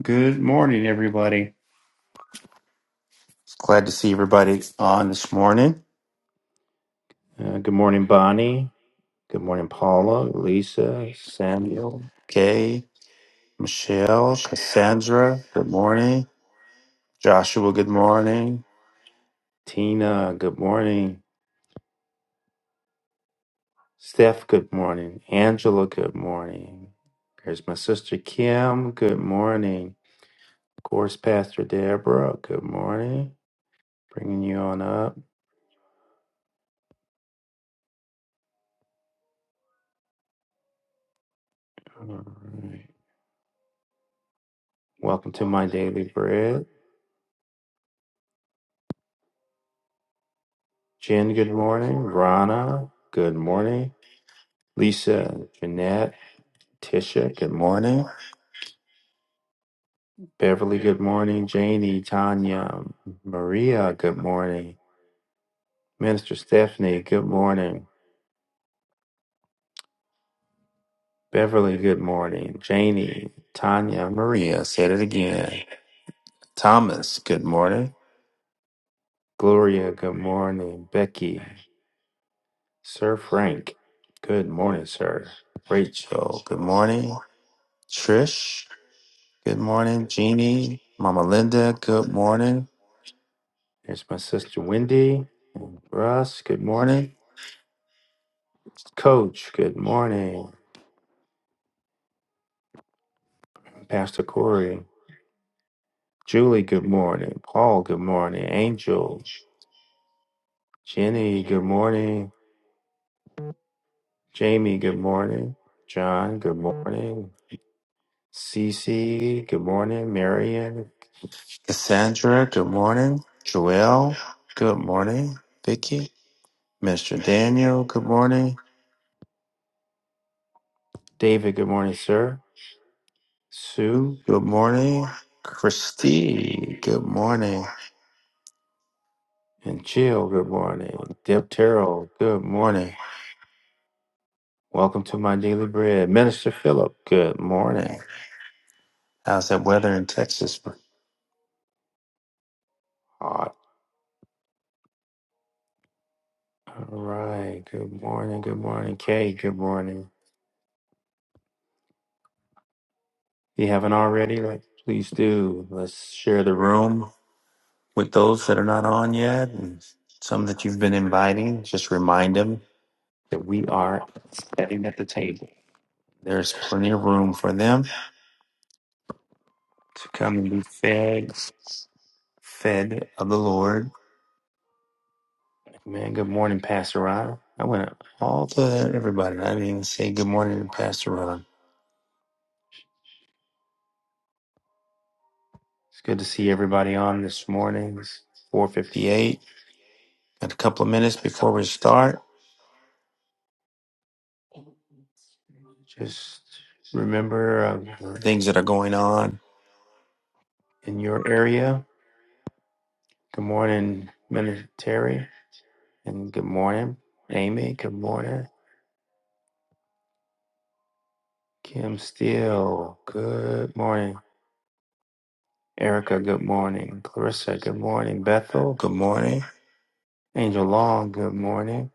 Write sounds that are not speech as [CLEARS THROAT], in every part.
Good morning, everybody. It's Glad to see everybody on this morning. Uh, good morning, Bonnie. Good morning, Paula, Lisa, Samuel, Kay, Michelle, Cassandra. Good morning. Joshua, good morning. Tina, good morning. Steph, good morning. Angela, good morning. There's my sister Kim. Good morning. Of course, Pastor Deborah. Good morning. Bringing you on up. All right. Welcome to my daily bread. Jen, good morning. Rana, good morning. Lisa, Jeanette, Tisha, good morning. Beverly, good morning. Janie, Tanya, Maria, good morning. Minister Stephanie, good morning. Beverly, good morning. Janie, Tanya, Maria, said it again. Thomas, good morning. Gloria, good morning. Becky, Sir Frank, good morning, sir. Rachel, good morning. Trish, Good morning, Jeannie, Mama Linda. Good morning. Here's my sister Wendy, Russ. Good morning. Coach, good morning. Pastor Corey, Julie, good morning. Paul, good morning. Angel, Jenny, good morning. Jamie, good morning. John, good morning. Cece, good morning. Marion, Cassandra, good morning. Joelle, good morning. Vicky, Mr. Daniel, good morning. David, good morning, sir. Sue, good morning. Christy, good morning. And Jill, good morning. Deb Terrell, good morning. Welcome to my daily bread. Minister Philip, good morning. How's that weather in Texas? Hot. All right. Good morning. Good morning. Kay, good morning. If you haven't already, like, please do. Let's share the room with those that are not on yet and some that you've been inviting. Just remind them that we are sitting at the table. There's plenty of room for them to come and be fed, fed of the Lord. Man, good morning, Pastor Ron. I went all to everybody. I didn't even say good morning to Pastor Ron. It's good to see everybody on this morning. It's 4.58. Got a couple of minutes before we start. Just remember uh, the things that are going on in your area. Good morning, Minister Terry. And good morning, Amy. Good morning. Kim Steele, good morning. Erica, good morning. Clarissa, good morning. Bethel, good morning. Angel Long, good morning.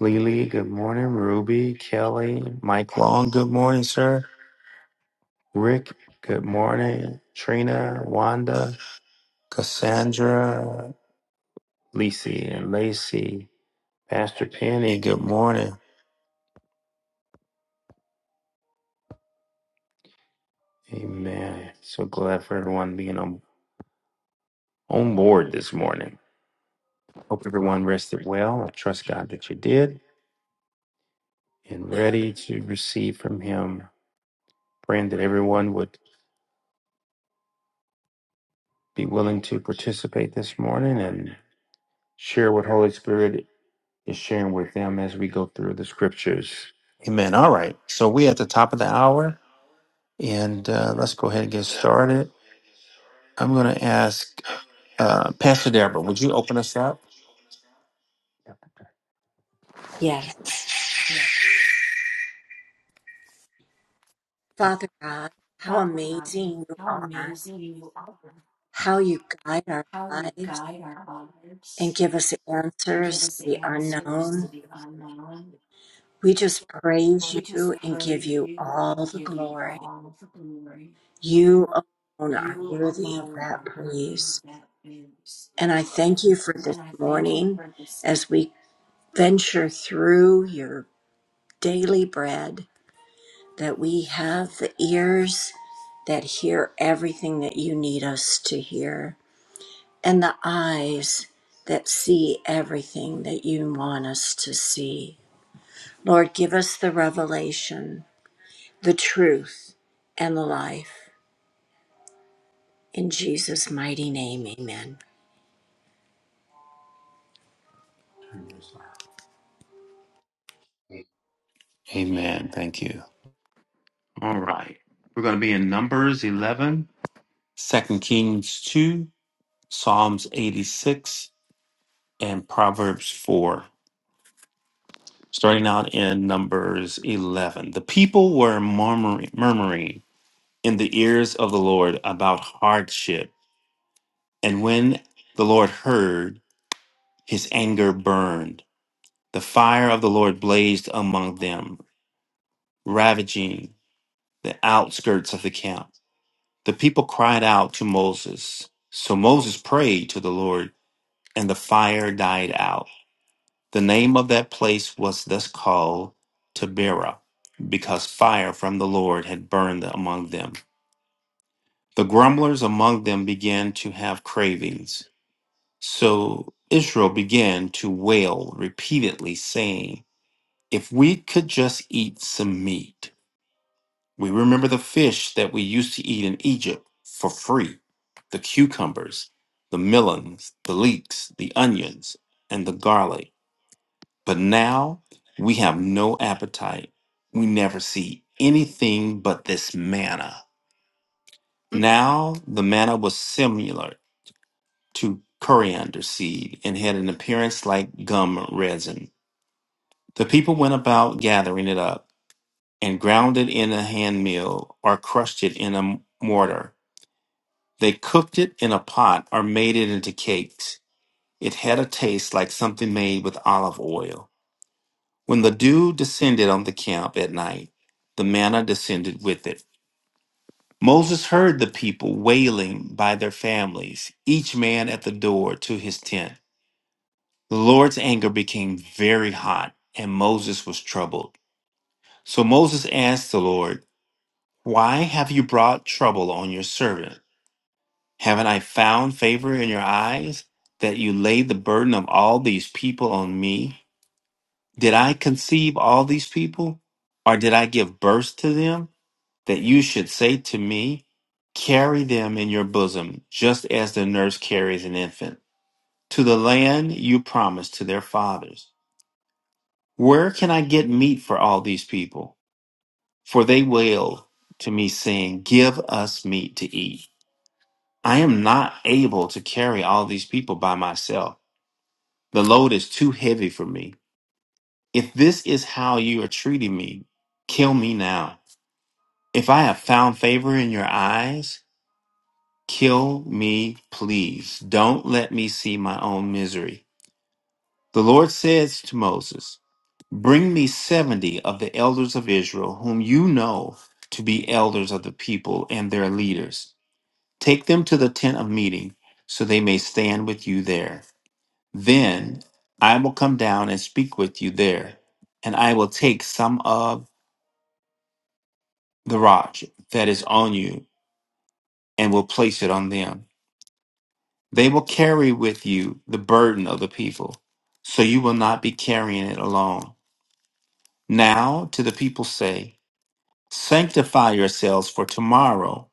Lily, good morning. Ruby, Kelly, Mike Long, good morning, sir. Rick, good morning. Trina, Wanda, Cassandra, Lisi, and Lacey. Pastor Penny, good morning. Amen. So glad for everyone being on, on board this morning. Hope everyone rested well. I trust God that you did. and ready to receive from Him. Praying that everyone would be willing to participate this morning and share what Holy Spirit is sharing with them as we go through the scriptures. Amen. All right. So we at the top of the hour, and uh, let's go ahead and get started. I'm going to ask uh, Pastor Deborah, would you open us up? Yes. Father God, how amazing you are, how you guide our lives and give us answers to the unknown. We just praise you and give you all the glory. You alone are worthy of that praise. And I thank you for this morning as we venture through your daily bread, that we have the ears that hear everything that you need us to hear and the eyes that see everything that you want us to see. Lord, give us the revelation, the truth, and the life. In Jesus' mighty name, amen. Amen. Thank you. All right. We're going to be in Numbers 11, Second Kings 2, Psalms 86, and Proverbs 4. starting out in Numbers 11. The people were murmuring, murmuring in the ears of the Lord about hardship. And when the Lord heard, his anger burned. The fire of the Lord blazed among them, ravaging the outskirts of the camp. The people cried out to Moses. So Moses prayed to the Lord, and the fire died out. The name of that place was thus called Taberah, because fire from the Lord had burned among them. The grumblers among them began to have cravings. So Israel began to wail repeatedly, saying, If we could just eat some meat. We remember the fish that we used to eat in Egypt for free the cucumbers, the melons, the leeks, the onions, and the garlic. But now we have no appetite. We never see anything but this manna. Now the manna was similar to coriander seed and had an appearance like gum resin. The people went about gathering it up and ground it in a hand mill or crushed it in a mortar. They cooked it in a pot or made it into cakes. It had a taste like something made with olive oil. When the dew descended on the camp at night, the manna descended with it. Moses heard the people wailing by their families, each man at the door to his tent. The Lord's anger became very hot, and Moses was troubled. So Moses asked the Lord, Why have you brought trouble on your servant? Haven't I found favor in your eyes that you laid the burden of all these people on me? Did I conceive all these people, or did I give birth to them? that you should say to me, Carry them in your bosom, just as the nurse carries an infant, to the land you promised to their fathers. Where can I get meat for all these people? For they wailed to me, saying, Give us meat to eat. I am not able to carry all these people by myself. The load is too heavy for me. If this is how you are treating me, kill me now. If I have found favor in your eyes, Kill me, please. Don't let me see my own misery. The Lord says to Moses, Bring me 70 of the elders of Israel, whom you know to be elders of the people and their leaders. Take them to the tent of meeting, so they may stand with you there. Then I will come down and speak with you there, and I will take some of the rock that is on you and will place it on them They will carry with you the burden of the people, so you will not be carrying it alone. Now to the people say, Sanctify yourselves for tomorrow,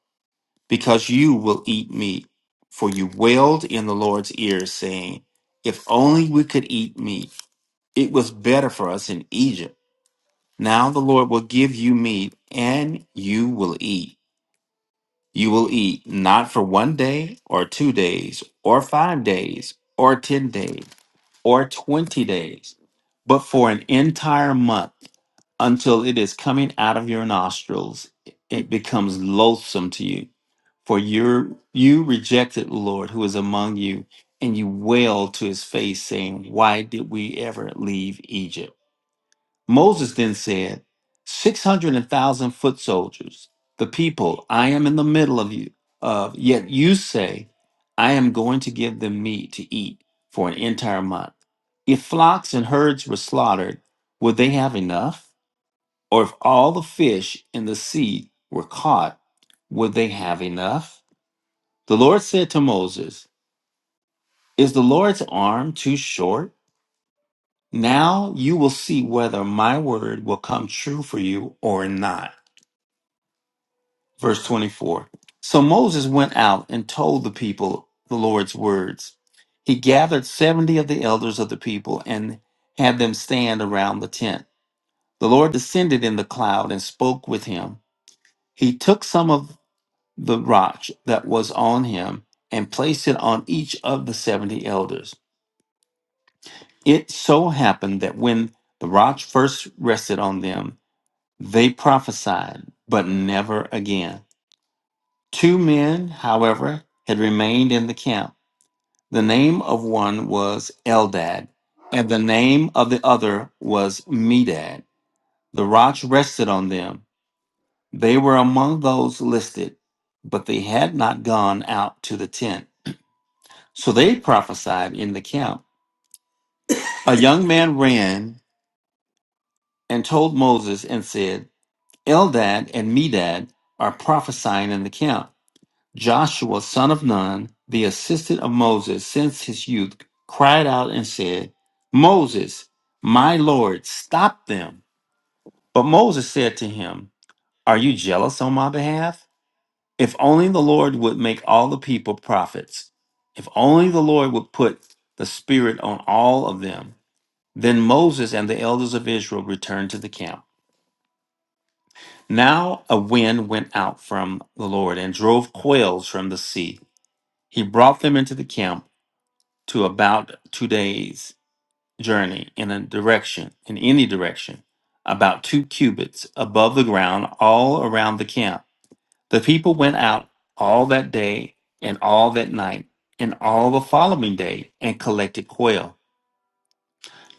because you will eat meat. For you wailed in the Lord's ears, saying, If only we could eat meat. It was better for us in Egypt. Now the Lord will give you meat, and you will eat. You will eat not for one day, or two days, or five days, or ten days or 20 days, but for an entire month until it is coming out of your nostrils, it becomes loathsome to you. For you you rejected the Lord who is among you, and you wailed to his face, saying, Why did we ever leave Egypt? Moses then said, 600,000 foot soldiers, the people, I am in the middle of you, of, yet you say, I am going to give them meat to eat for an entire month. If flocks and herds were slaughtered, would they have enough? Or if all the fish in the sea were caught, would they have enough? The Lord said to Moses, Is the Lord's arm too short? Now you will see whether my word will come true for you or not. verse 24. So Moses went out and told the people the Lord's words. He gathered 70 of the elders of the people and had them stand around the tent. The Lord descended in the cloud and spoke with him. He took some of the rock that was on him and placed it on each of the 70 elders. It so happened that when the rock first rested on them, they prophesied, but never again. Two men, however, had remained in the camp. The name of one was Eldad, and the name of the other was Medad. The rocks rested on them. They were among those listed, but they had not gone out to the tent. So they prophesied in the camp. A young man ran and told Moses and said, Eldad and Medad are prophesying in the camp. Joshua, son of Nun, the assistant of Moses since his youth, cried out and said, Moses, my Lord, stop them. But Moses said to him, Are you jealous on my behalf? If only the Lord would make all the people prophets. If only the Lord would put the Spirit on all of them. Then Moses and the elders of Israel returned to the camp. Now a wind went out from the Lord and drove quails from the sea. He brought them into the camp to about two days' journey in a direction, in any direction, about two cubits above the ground, all around the camp. The people went out all that day and all that night and all the following day and collected quail.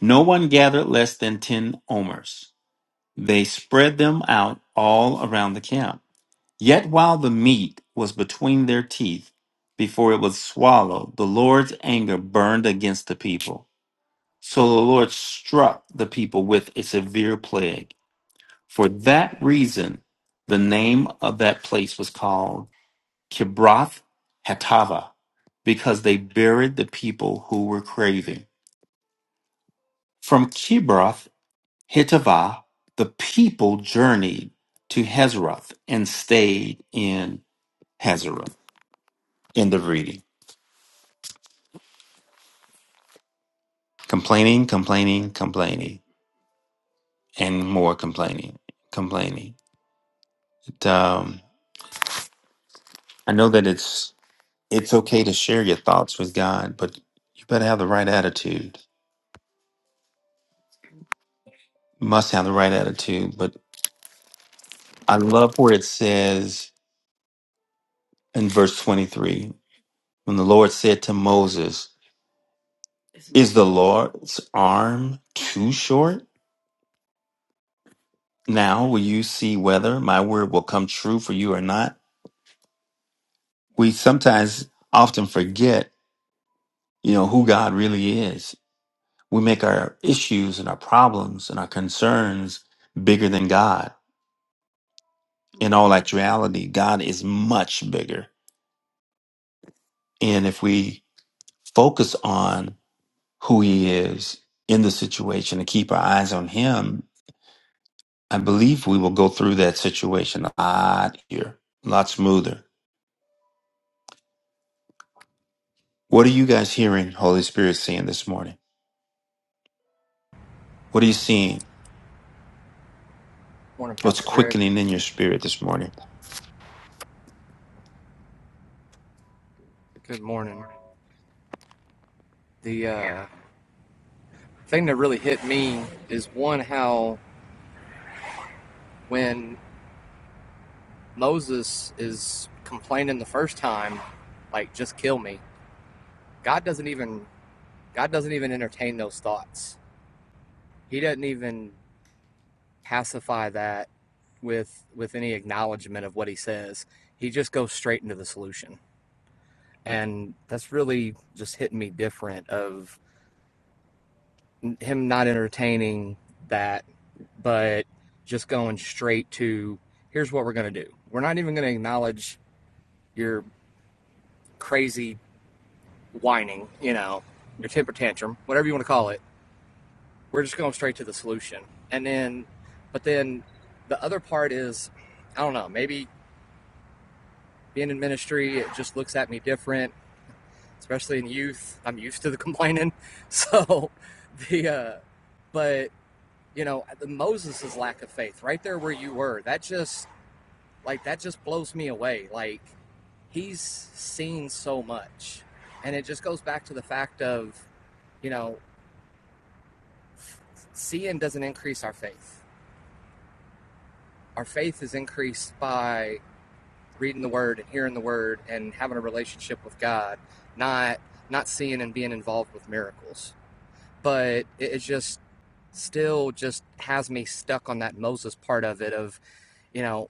No one gathered less than ten omers. They spread them out all around the camp. Yet while the meat was between their teeth, before it was swallowed, the Lord's anger burned against the people So the Lord struck the people with a severe plague. For that reason, the name of that place was called Kibroth Hatava, because they buried the people who were craving. From Kibroth Hatava, the people journeyed to Hazeroth and stayed in Hazeroth. End of reading. Complaining, complaining, complaining, and more complaining, complaining. It, um, I know that it's It's okay to share your thoughts with God, but you better have the right attitude. Must have the right attitude. But I love where it says in verse 23 when the Lord said to Moses, Is the Lord's arm too short? Now will you see whether my word will come true for you or not? We sometimes often forget, you know, who God really is. We make our issues and our problems and our concerns bigger than God in all actuality, God is much bigger. And if we focus on who He is in the situation and keep our eyes on Him, I believe we will go through that situation a lot here, a lot smoother. What are you guys hearing Holy Spirit saying this morning? What are you seeing? Morning, What's Pastor Greg. quickening in your spirit this morning? Good morning. The uh, thing that really hit me is one how when Moses is complaining the first time, like just kill me. God doesn't even God doesn't even entertain those thoughts. He doesn't even pacify that with with any acknowledgement of what he says. He just goes straight into the solution. And that's really just hitting me different Of him not entertaining that, but just going straight to here's what we're going to do. We're not even going to acknowledge your crazy whining, you know, your temper tantrum, whatever you want to call it. We're just going straight to the solution. And then, but then the other part is, I don't know, maybe being in ministry, it just looks at me different, especially in youth. I'm used to the [LAUGHS] complaining. So the, uh, but you know the moses's lack of faith right there where you were that just like that just blows me away like he's seen so much and it just goes back to the fact of you know seeing doesn't increase our faith our faith is increased by reading the word and hearing the word and having a relationship with god not not seeing and being involved with miracles but it, it just still just has me stuck on that moses part of it of you know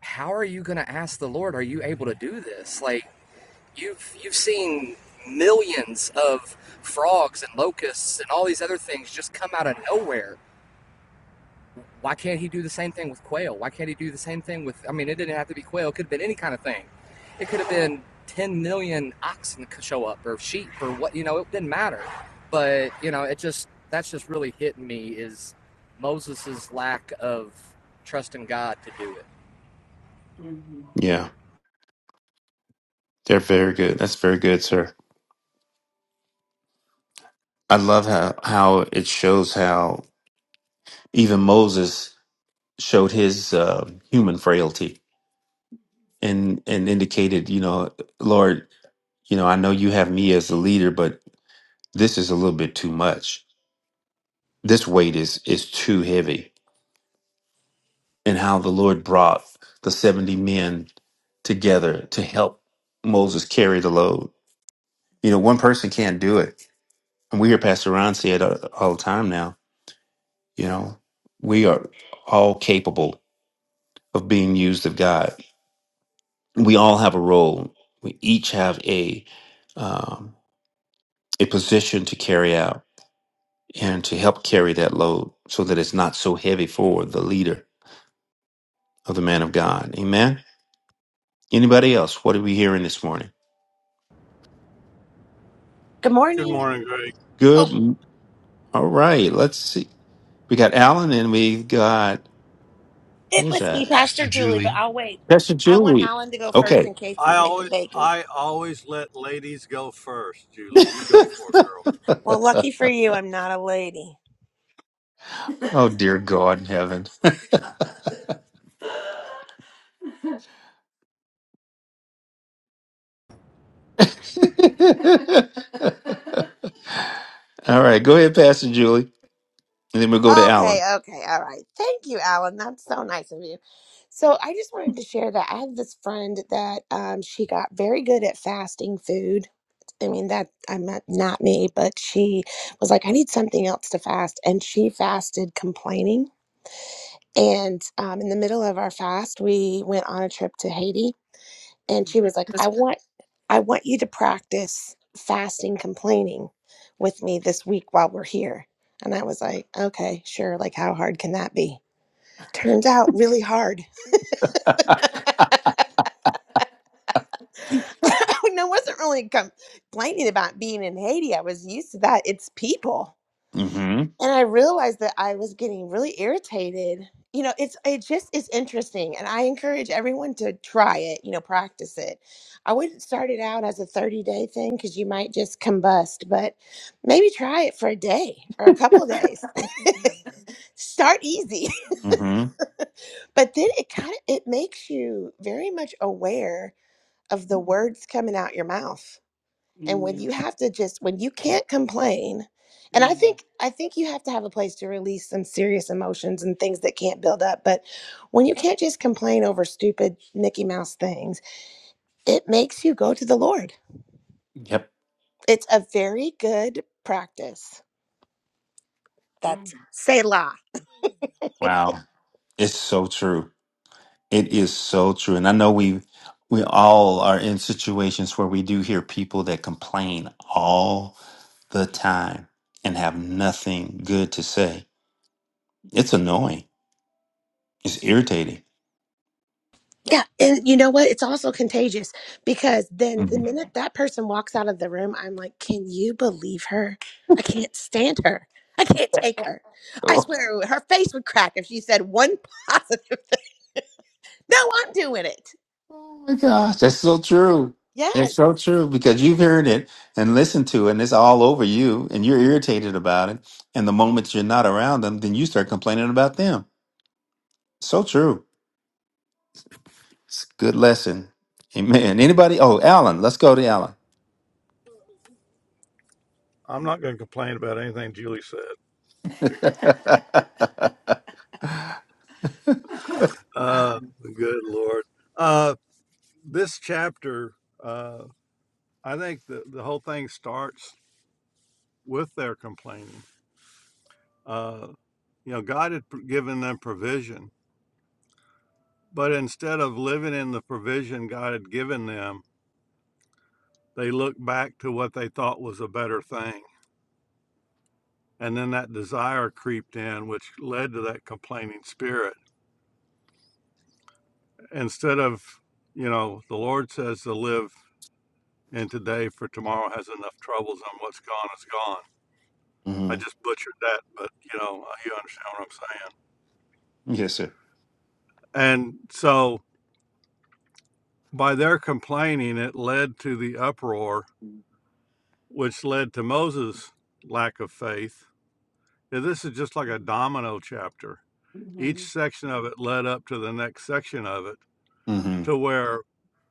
how are you going to ask the Lord, are you able to do this? Like you've you've seen millions of frogs and locusts and all these other things just come out of nowhere. Why can't he do the same thing with quail? Why can't he do the same thing with I mean it didn't have to be quail, it could have been any kind of thing. It could have been 10 million oxen show up or sheep or what, you know, it didn't matter. But, you know, it just that's just really hitting me is Moses's lack of trust in God to do it. Yeah, they're very good. That's very good, sir. I love how, how it shows how even Moses showed his uh, human frailty and and indicated, you know, Lord, you know, I know you have me as the leader, but this is a little bit too much. This weight is is too heavy. And how the Lord brought the 70 men together to help Moses carry the load. You know, one person can't do it. And we hear Pastor Ron say it uh, all the time now, you know, we are all capable of being used of God. We all have a role. We each have a um, a position to carry out and to help carry that load so that it's not so heavy for the leader of the man of God. Amen. Anybody else? What are we hearing this morning? Good Good morning. morning, Greg. Oh, Good. All right. Let's see. We got Alan and we got, who it was was me, that? Pastor Pastor Julie, but Julie, I'll wait. Pastor I want Julie. Alan to go first Okay. in case I he's always making bacon. I always let ladies go first, Julie. You go for it, girl. [LAUGHS] Well, lucky for you, I'm not a lady. oh, dear God in heaven. [LAUGHS] All right. Go ahead, Pastor Julie. And then we'll go to Okay, Alan. okay, all right. Thank you, Alan. That's so nice of you. So I just wanted to share that I have this friend that um, she got very good at fasting food. I mean, that I'm not, not me, but she was like, I need something else to fast. And she fasted complaining. And um, in the middle of our fast, we went on a trip to Haiti and she was like i want i want you to practice fasting complaining with me this week while we're here and i was like okay sure like how hard can that be turns out really hard [LAUGHS] i wasn't really complaining about being in haiti i was used to that it's people Mm hmm. and I realized that I was getting really irritated. You know, it's it just is interesting, and I encourage everyone to try it. You know, practice it. I wouldn't start it out as a thirty day thing because you might just combust, but maybe try it for a day or a couple of days. [LAUGHS] start easy, Mm hmm. [LAUGHS] but then it kind of it makes you very much aware of the words coming out your mouth and when you have to just when you can't complain and i think i think you have to have a place to release some serious emotions and things that can't build up but when you can't just complain over stupid mickey mouse things it makes you go to the lord Yep. it's a very good practice that's selah Wow. It's so true. It is so true. And I know we we all are in situations where we do hear people that complain all the time and have nothing good to say. It's annoying. It's irritating. Yeah, and you know what? It's also contagious because then the Mhm. minute that person walks out of the room, I'm like, can you believe her? I can't stand her. I can't take her. I Oh swear her face would crack if she said one [LAUGHS] positive thing. No, I'm doing it. oh my gosh, that's so true. Yes. It's so true because you've heard it and listened to it and it's all over you and you're irritated about it. And the moment you're not around them, then you start complaining about them. So true. It's a good lesson. Amen. Anybody? Oh, Alan. Let's go to Alan. I'm not going to complain about anything Julie said. [LAUGHS] Uh, good Lord. Uh, this chapter, uh, I think the, the whole thing starts with their complaining. Uh, you know, God had given them provision, but instead of living in the provision God had given them, they looked back to what they thought was a better thing And then that desire creeped in, which led to that complaining spirit. Instead of, you know, the Lord says to live in today, for tomorrow has enough troubles, and what's gone is gone. I hmm just butchered that, but, you know, you understand what I'm saying. Yes, sir. And so by their complaining, it led to the uproar, which led to Moses' lack of faith. And this is just like a domino chapter. Each section of it led up to the next section of it hmm to where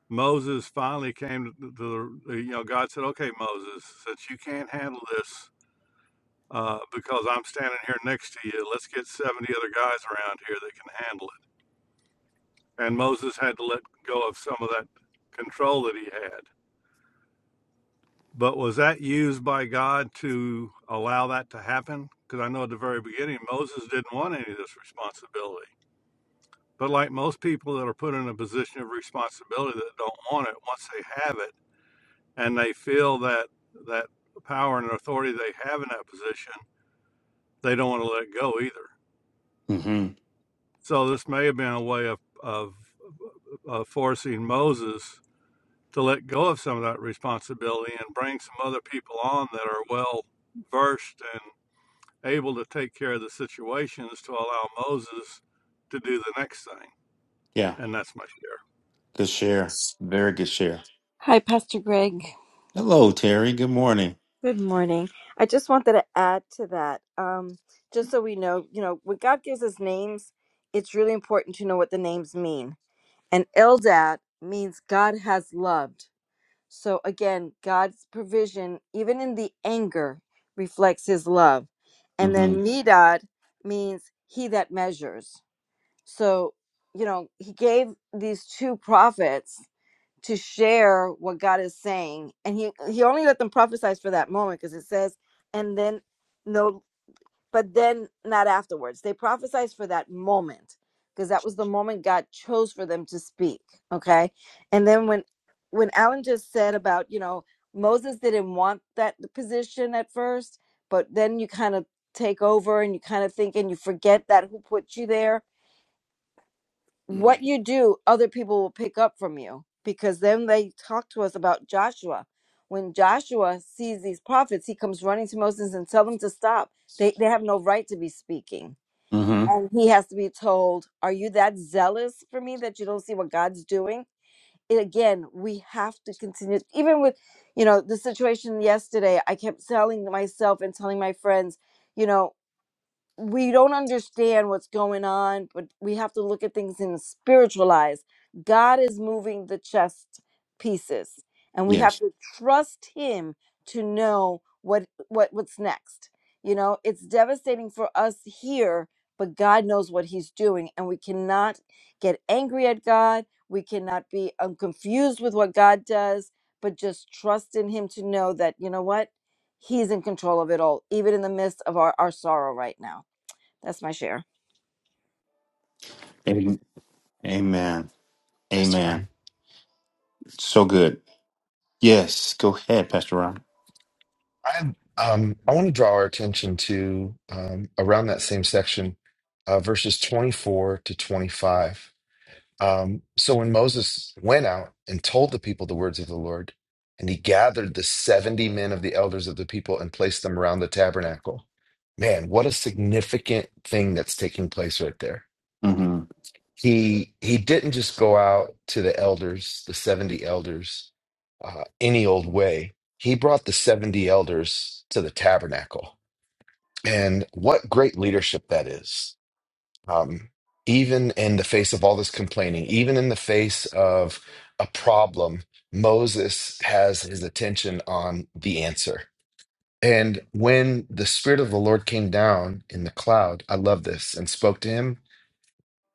Moses finally came to the, the- you know, God said, okay, Moses, since you can't handle this uh, because I'm standing here next to you, let's get 70 other guys around here that can handle it. And Moses had to let go of some of that control that he had. But was that used by God to allow that to happen? Because I know at the very beginning, Moses didn't want any of this responsibility. But like most people that are put in a position of responsibility that don't want it, once they have it, and they feel that that power and authority they have in that position, they don't want to let go either. hmm So this may have been a way of of, of forcing Moses to let go of some of that responsibility and bring some other people on that are well versed and able to take care of the situations to allow Moses to do the next thing. Yeah. And that's my share. Good share. Very good share. Hi, Pastor Greg. Hello, Terry. Good morning. Good morning. I just wanted to add to that, um, just so we know, you know, when God gives us names, it's really important to know what the names mean. And Eldad means God has loved. So again, God's provision, even in the anger, reflects his love. And hmm then Medad means he that measures. So, you know, he gave these two prophets to share what God is saying. And he he only let them prophesy for that moment because it says, and then no, but then not afterwards. They prophesied for that moment because that was the moment God chose for them to speak. Okay, and then when when Alan just said about you know Moses didn't want that position at first, but then you kind of take over and you kind of think and you forget that who put you there what you do, other people will pick up from you. Because then they talk to us about Joshua. When Joshua sees these prophets, he comes running to Moses and tell them to stop. They they have no right to be speaking. hmm And he has to be told, Are you that zealous for me that you don't see what God's doing? It again, we have to continue even with, you know, the situation yesterday, I kept telling myself and telling my friends, you know, we don't understand what's going on, but we have to look at things in spiritual eyes. God is moving the chess pieces, and we have Yes. to trust Him to know what what what's next. You know, it's devastating for us here, but God knows what He's doing, and we cannot get angry at God. We cannot be um, confused with what God does, but just trust in Him to know that you know what He's in control of it all, even in the midst of our, our sorrow right now. That's my share. Amen. Amen. Pastor Amen. Greg. So good. Yes. Go ahead, Pastor Ron. I um I want to draw our attention to um, around that same section, uh, verses 24 to 25. Um, so when Moses went out and told the people the words of the Lord, and he gathered the 70 men of the elders of the people and placed them around the tabernacle. Man, what a significant thing that's taking place right there hmm he he didn't just go out to the elders, the 70 elders, uh, any old way. He brought the 70 elders to the tabernacle. And what great leadership that is. Um, even in the face of all this complaining, even in the face of a problem, Moses has his attention on the answer. And when the Spirit of the Lord came down in the cloud, I love this, and spoke to him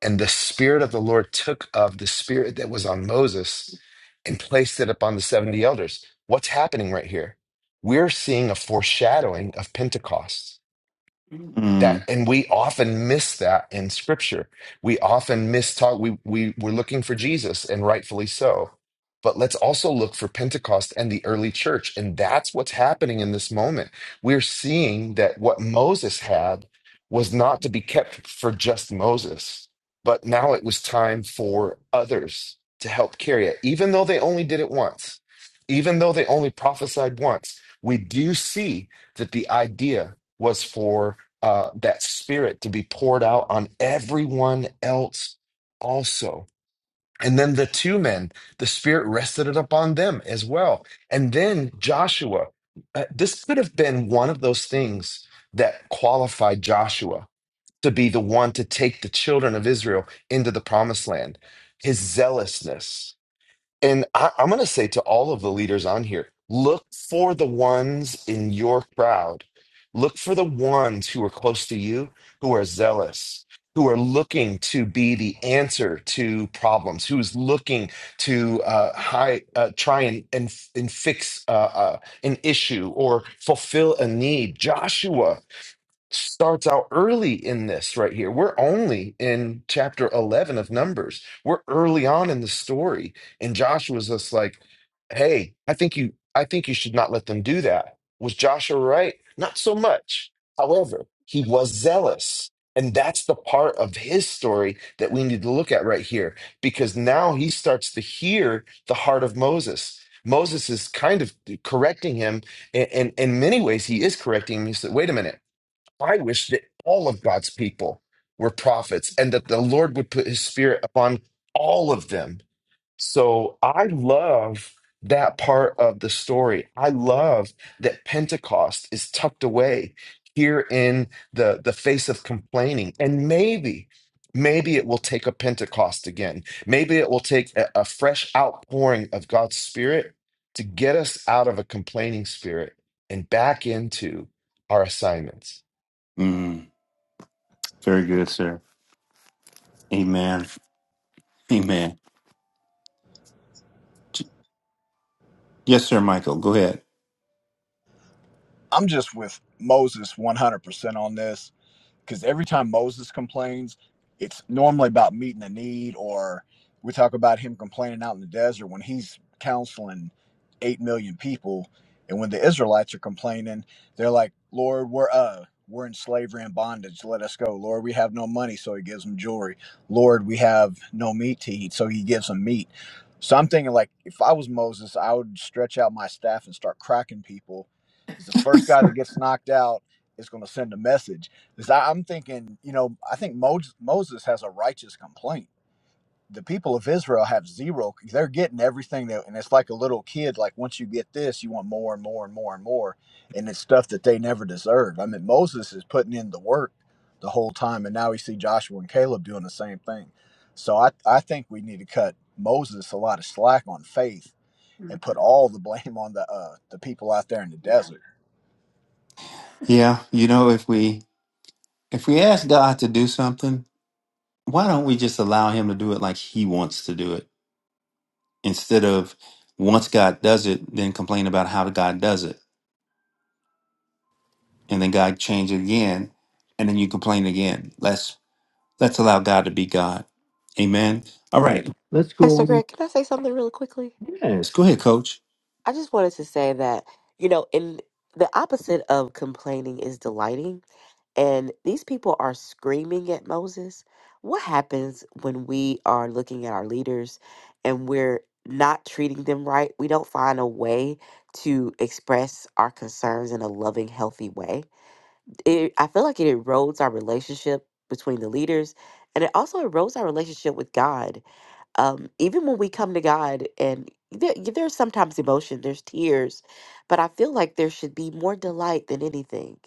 and the Spirit of the Lord took of the Spirit that was on Moses and placed it upon the 70 elders. What's happening right here? We're seeing a foreshadowing of Pentecost that mm and we often miss that in scripture we often miss talk we, we we're looking for jesus and rightfully so but let's also look for pentecost and the early church and that's what's happening in this moment we're seeing that what moses had was not to be kept for just moses but now it was time for others to help carry it even though they only did it once even though they only prophesied once we do see that the idea was for uh, that spirit to be poured out on everyone else also. And then the two men, the spirit rested it upon them as well. And then Joshua, uh, this could have been one of those things that qualified Joshua to be the one to take the children of Israel into the promised land. His zealousness, and I, I'm going to say to all of the leaders on here look for the ones in your crowd. Look for the ones who are close to you, who are zealous, who are looking to be the answer to problems, who's looking to uh, high, uh, try and, and, and fix uh, uh, an issue or fulfill a need. Joshua starts out early in this right here. We're only in chapter 11 of Numbers. We're early on in the story. And Joshua's just like, hey, I think you, I think you should not let them do that. Was Joshua right? Not so much. However, he was zealous. And that's the part of his story that we need to look at right here, because now he starts to hear the heart of Moses. Moses is kind of correcting him, and, in many ways, he is correcting him. He said, wait a minute I wish that all of God's people were prophets and that the Lord would put his spirit upon all of them. So I love that part of the story. I love that Pentecost is tucked away here in the, the face of complaining. And maybe, maybe it will take a Pentecost again. Maybe it will take a, a fresh outpouring of God's spirit to get us out of a complaining spirit and back into our assignments. mm Very good, sir. Amen. Amen. Yes, sir, Michael. Go ahead. I'm just with Moses 100% on this because every time Moses complains, it's normally about meeting a need, or we talk about him complaining out in the desert when he's counseling 8 million people. And when the Israelites are complaining, they're like, Lord, we're, uh, we're in slavery and bondage. Let us go. Lord, we have no money. So he gives them jewelry. Lord, we have no meat to eat. So he gives them meat. So I'm thinking, like, if I was Moses, I would stretch out my staff and start cracking people. Because the first guy that gets knocked out is going to send a message is I- I'm thinking, you know, I think Mo- Moses has a righteous complaint. The people of Israel have zero. They're getting everything that, and it's like a little kid. Like once you get this, you want more and more and more and more, and it's stuff that they never deserved. I mean, Moses is putting in the work the whole time, and now we see Joshua and Caleb doing the same thing. So I, I think we need to cut Moses a lot of slack on faith and put all the blame on the uh, the people out there in the desert. Yeah, you know, if we if we ask God to do something, why don't we just allow him to do it like he wants to do it instead of once God does it, then complain about how God does it and then God change again and then you complain again. Let's let's allow God to be God. Amen. All right. Pastor Greg, can I say something really quickly? Yes, go ahead, coach. I just wanted to say that, you know, in the opposite of complaining is delighting, and these people are screaming at Moses. What happens when we are looking at our leaders and we're not treating them right? We don't find a way to express our concerns in a loving, healthy way. It, I feel like it erodes our relationship between the leaders, and it also erodes our relationship with God um, even when we come to God, and there, there's sometimes emotion, there's tears, but I feel like there should be more delight than anything.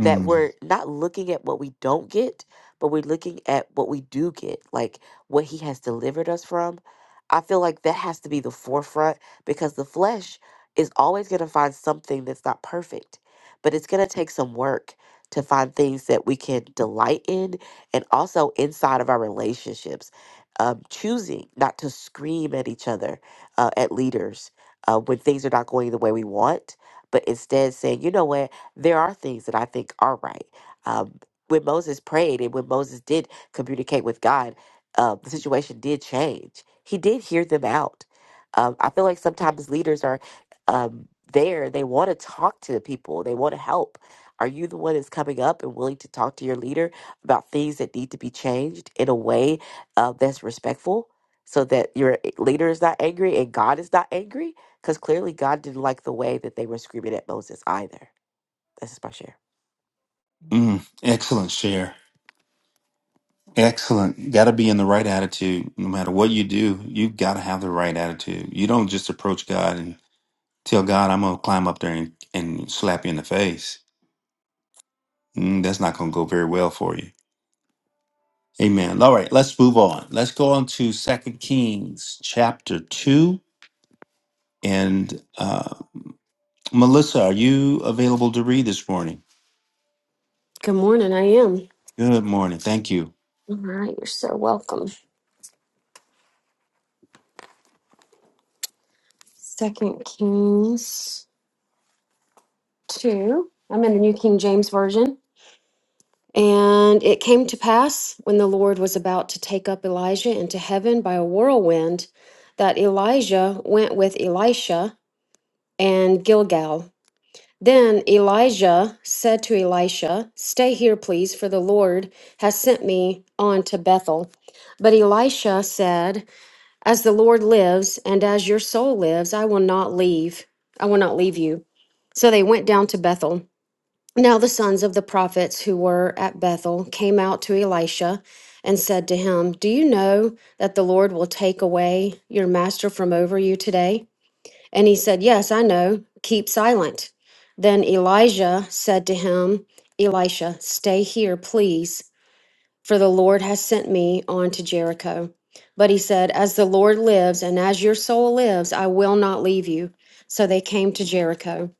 That Mm, we're not looking at what we don't get, but we're looking at what we do get, like what He has delivered us from. I feel like that has to be the forefront because the flesh is always going to find something that's not perfect, but it's going to take some work to find things that we can delight in and also inside of our relationships um, choosing not to scream at each other, uh, at leaders, uh, when things are not going the way we want, but instead saying, you know what, there are things that I think are right. Um, when Moses prayed and when Moses did communicate with God, uh, the situation did change. He did hear them out. Um, I feel like sometimes leaders are um, there, they want to talk to the people, they want to help. Are you the one that's coming up and willing to talk to your leader about things that need to be changed in a way? uh, that's respectful so that your leader is not angry and God is not angry because clearly God didn't like the way that they were screaming at Moses either. That's just my share. mm, excellent share. Excellent. Got to be in the right attitude. No matter what you do, you got to have the right attitude. You don't just approach God and Tell God, I'm going to climb up there and, and slap you in the face. Mm, that's not going to go very well for you. Amen. All right, let's move on. Let's go on to Second Kings chapter 2. And uh, Melissa, are you available to read this morning? Good morning. I am. Good morning. Thank you. All right. You're so welcome. Second Kings 2. I'm in the New King James Version. And it came to pass when the Lord was about to take up Elijah into heaven by a whirlwind that Elijah went with Elisha and Gilgal. Then Elijah said to Elisha, Stay here, please, for the Lord has sent me on to Bethel. But Elisha said, As the Lord lives and as your soul lives, I will not leave. I will not leave you. So they went down to Bethel. Now the sons of the prophets who were at Bethel came out to Elisha and said to him, Do you know that the Lord will take away your master from over you today? And he said, Yes, I know. Keep silent. Then Elijah said to him, Elisha, stay here, please for the Lord has sent me on to Jericho. But he said, As the Lord lives, and as your soul lives, I will not leave you. So they came to Jericho.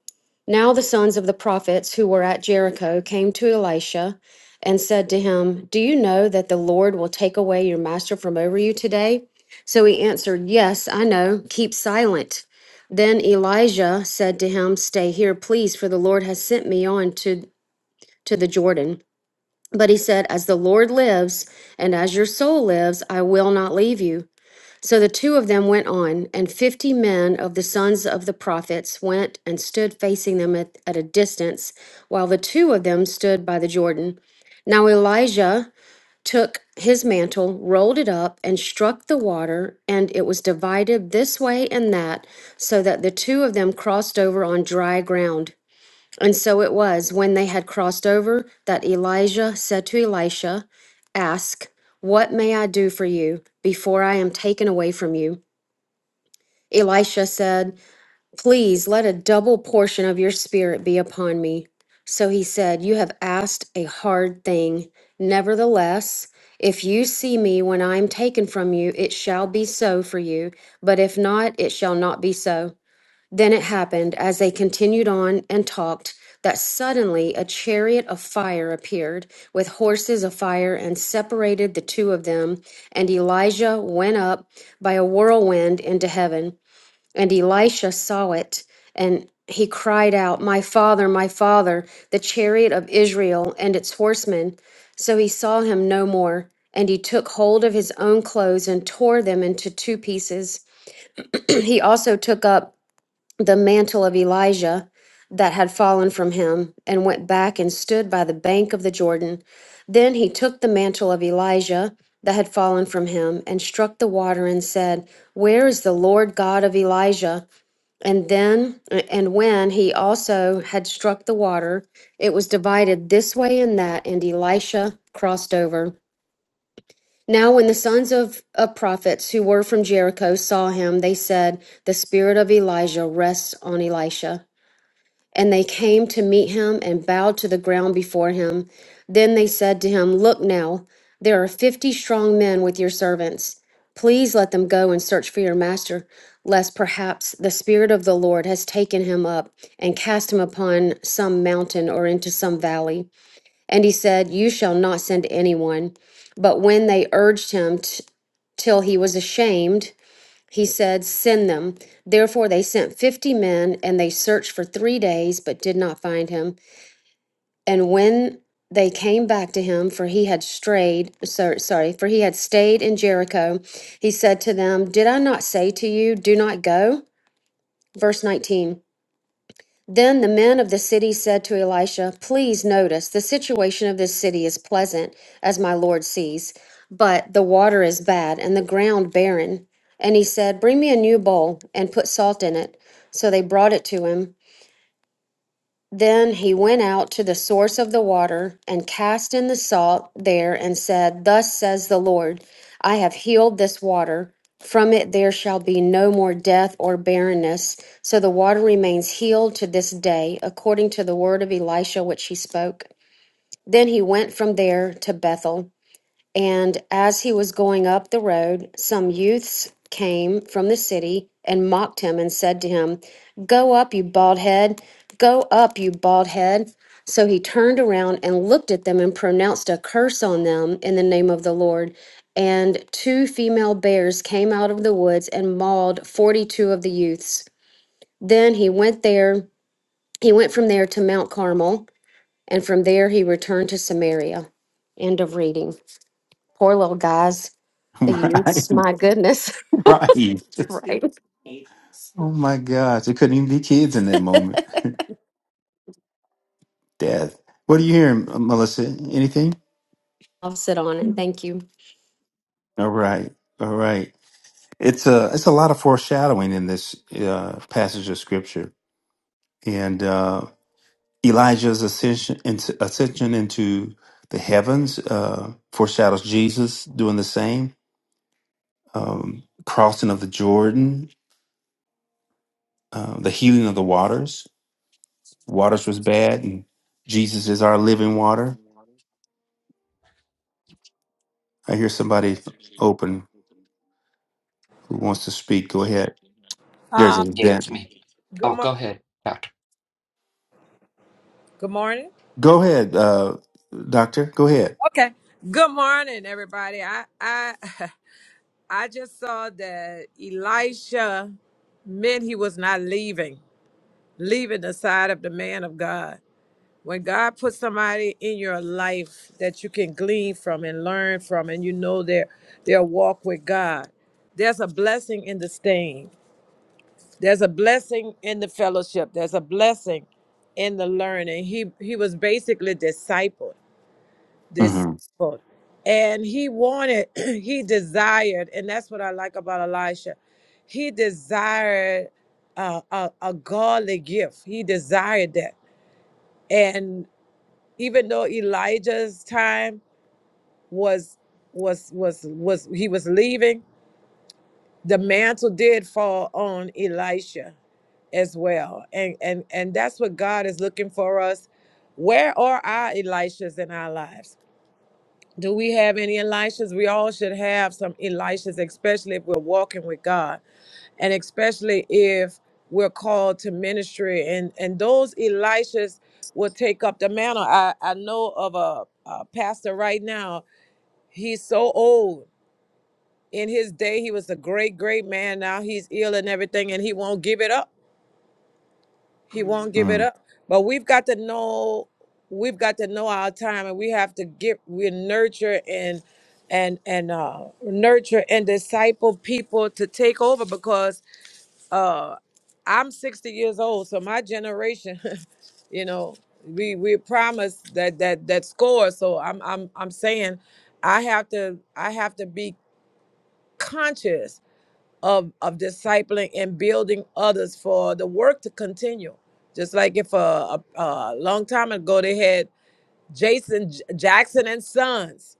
Now the sons of the prophets who were at Jericho came to Elisha and said to him, Do you know that the Lord will take away your master from over you today? So he answered, Yes, I know. Keep silent. Then Elijah said to him, Stay here, please, for the Lord has sent me on to, to the Jordan. But he said, As the Lord lives and as your soul lives, I will not leave you. So the two of them went on, and fifty men of the sons of the prophets went and stood facing them at, at a distance, while the two of them stood by the Jordan. Now Elijah took his mantle, rolled it up, and struck the water, and it was divided this way and that, so that the two of them crossed over on dry ground. And so it was when they had crossed over that Elijah said to Elisha, Ask, what may I do for you before I am taken away from you? Elisha said, Please let a double portion of your spirit be upon me. So he said, You have asked a hard thing. Nevertheless, if you see me when I am taken from you, it shall be so for you. But if not, it shall not be so. Then it happened, as they continued on and talked, that suddenly a chariot of fire appeared, with horses of fire, and separated the two of them. And Elijah went up by a whirlwind into heaven. And Elisha saw it, and he cried out, My father, my father, the chariot of Israel and its horsemen. So he saw him no more. And he took hold of his own clothes and tore them into two pieces. [CLEARS THROAT] he also took up the mantle of Elijah that had fallen from him and went back and stood by the bank of the Jordan. Then he took the mantle of Elijah that had fallen from him and struck the water and said, Where is the Lord God of Elijah? And then, and when he also had struck the water, it was divided this way and that, and Elisha crossed over. Now, when the sons of, of prophets who were from Jericho saw him, they said, The spirit of Elijah rests on Elisha. And they came to meet him and bowed to the ground before him. Then they said to him, Look now, there are fifty strong men with your servants. Please let them go and search for your master, lest perhaps the Spirit of the Lord has taken him up and cast him upon some mountain or into some valley. And he said, You shall not send anyone. But when they urged him t- till he was ashamed, he said, Send them. Therefore, they sent 50 men, and they searched for three days, but did not find him. And when they came back to him, for he had strayed, sor- sorry, for he had stayed in Jericho, he said to them, Did I not say to you, Do not go? Verse 19. Then the men of the city said to Elisha, Please notice, the situation of this city is pleasant, as my Lord sees, but the water is bad and the ground barren. And he said, Bring me a new bowl and put salt in it. So they brought it to him. Then he went out to the source of the water and cast in the salt there and said, Thus says the Lord, I have healed this water. From it there shall be no more death or barrenness. So the water remains healed to this day, according to the word of Elisha which he spoke. Then he went from there to Bethel. And as he was going up the road, some youths came from the city and mocked him and said to him, Go up, you bald head! Go up, you bald head! So he turned around and looked at them and pronounced a curse on them in the name of the Lord. And two female bears came out of the woods and mauled 42 of the youths. Then he went there, he went from there to Mount Carmel, and from there he returned to Samaria. End of reading. Poor little guys [LAUGHS] the right. youths. My goodness, Right. [LAUGHS] right? Oh my gosh. There couldn't even be kids in that [LAUGHS] moment. Death. What are you hearing, uh, Melissa? Anything? I'll sit on it. Thank you. All right. All right. It's a it's a lot of foreshadowing in this uh, passage of scripture and uh, Elijah's ascension into, ascension into the heavens uh, foreshadows Jesus doing the same. Um, crossing of the Jordan, uh, the healing of the waters. Waters was bad, and Jesus is our living water. I hear somebody open who wants to speak. Go ahead. There's Uh, a Yeah, it's dent. me. good Oh, mor- go ahead, Doctor good morning. Go ahead, uh, Doctor. Go ahead. Okay. Good morning, everybody. I I [LAUGHS] I just saw that Elisha meant he was not leaving, leaving the side of the man of God. When God puts somebody in your life that you can glean from and learn from, and you know their their walk with God, there's a blessing in the staying. There's a blessing in the fellowship. There's a blessing in the learning. He he was basically discipled hmm discipled. And he wanted, [CLEARS THROAT] he desired, and that's what I like about Elisha. He desired uh, a, a godly gift. He desired that. And even though Elijah's time was was was was he was leaving, the mantle did fall on Elisha as well. And and and that's what God is looking for us. Where are our Elishas in our lives? Do we have any Elishas? We all should have some Elishas, especially if we're walking with God and especially if we're called to ministry. And, and those Elishas will take up the mantle. I, I know of a, a pastor right now, he's so old. In his day, he was a great, great man. Now he's ill and everything, and he won't give it up he won't give it Mm. up. But we've got to know we've got to know our time and we have to get we nurture and and and uh nurture and disciple people to take over because uh I'm 60 years old, so my generation, [LAUGHS] you know, we we promised that that that score. So I'm I'm I'm saying I have to I have to be conscious of of discipling and building others for the work to continue. Just like if uh, a, a long time ago they had Jason J- Jackson and Sons,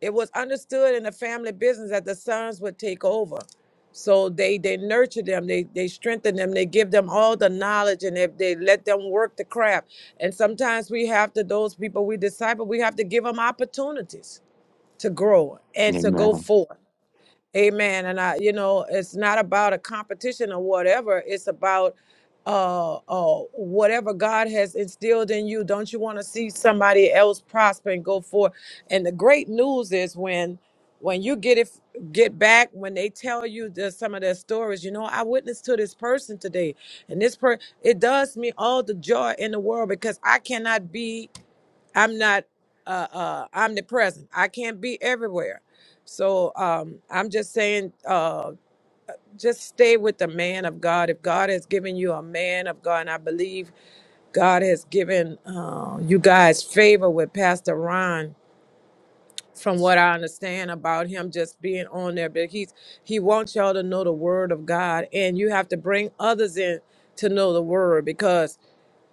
it was understood in the family business that the sons would take over. So they they nurture them, they they strengthen them, they give them all the knowledge, and if they let them work the craft. And sometimes we have to those people we disciple, we have to give them opportunities to grow and to go Amen. forth. Amen. And I, you know, it's not about a competition or whatever. It's about uh, uh, whatever God has instilled in you. Don't you want to see somebody else prosper and go forth? And the great news is when, when you get it, get back when they tell you the, some of their stories. You know, I witnessed to this person today, and this per it does me all the joy in the world because I cannot be I'm not uh, uh, omnipresent. I can't be everywhere. So um, I'm just saying, uh, just stay with the man of God. If God has given you a man of God, and I believe God has given uh, you guys favor with Pastor Ron. From what I understand about him just being on there, but he's he wants y'all to know the word of God, and you have to bring others in to know the word because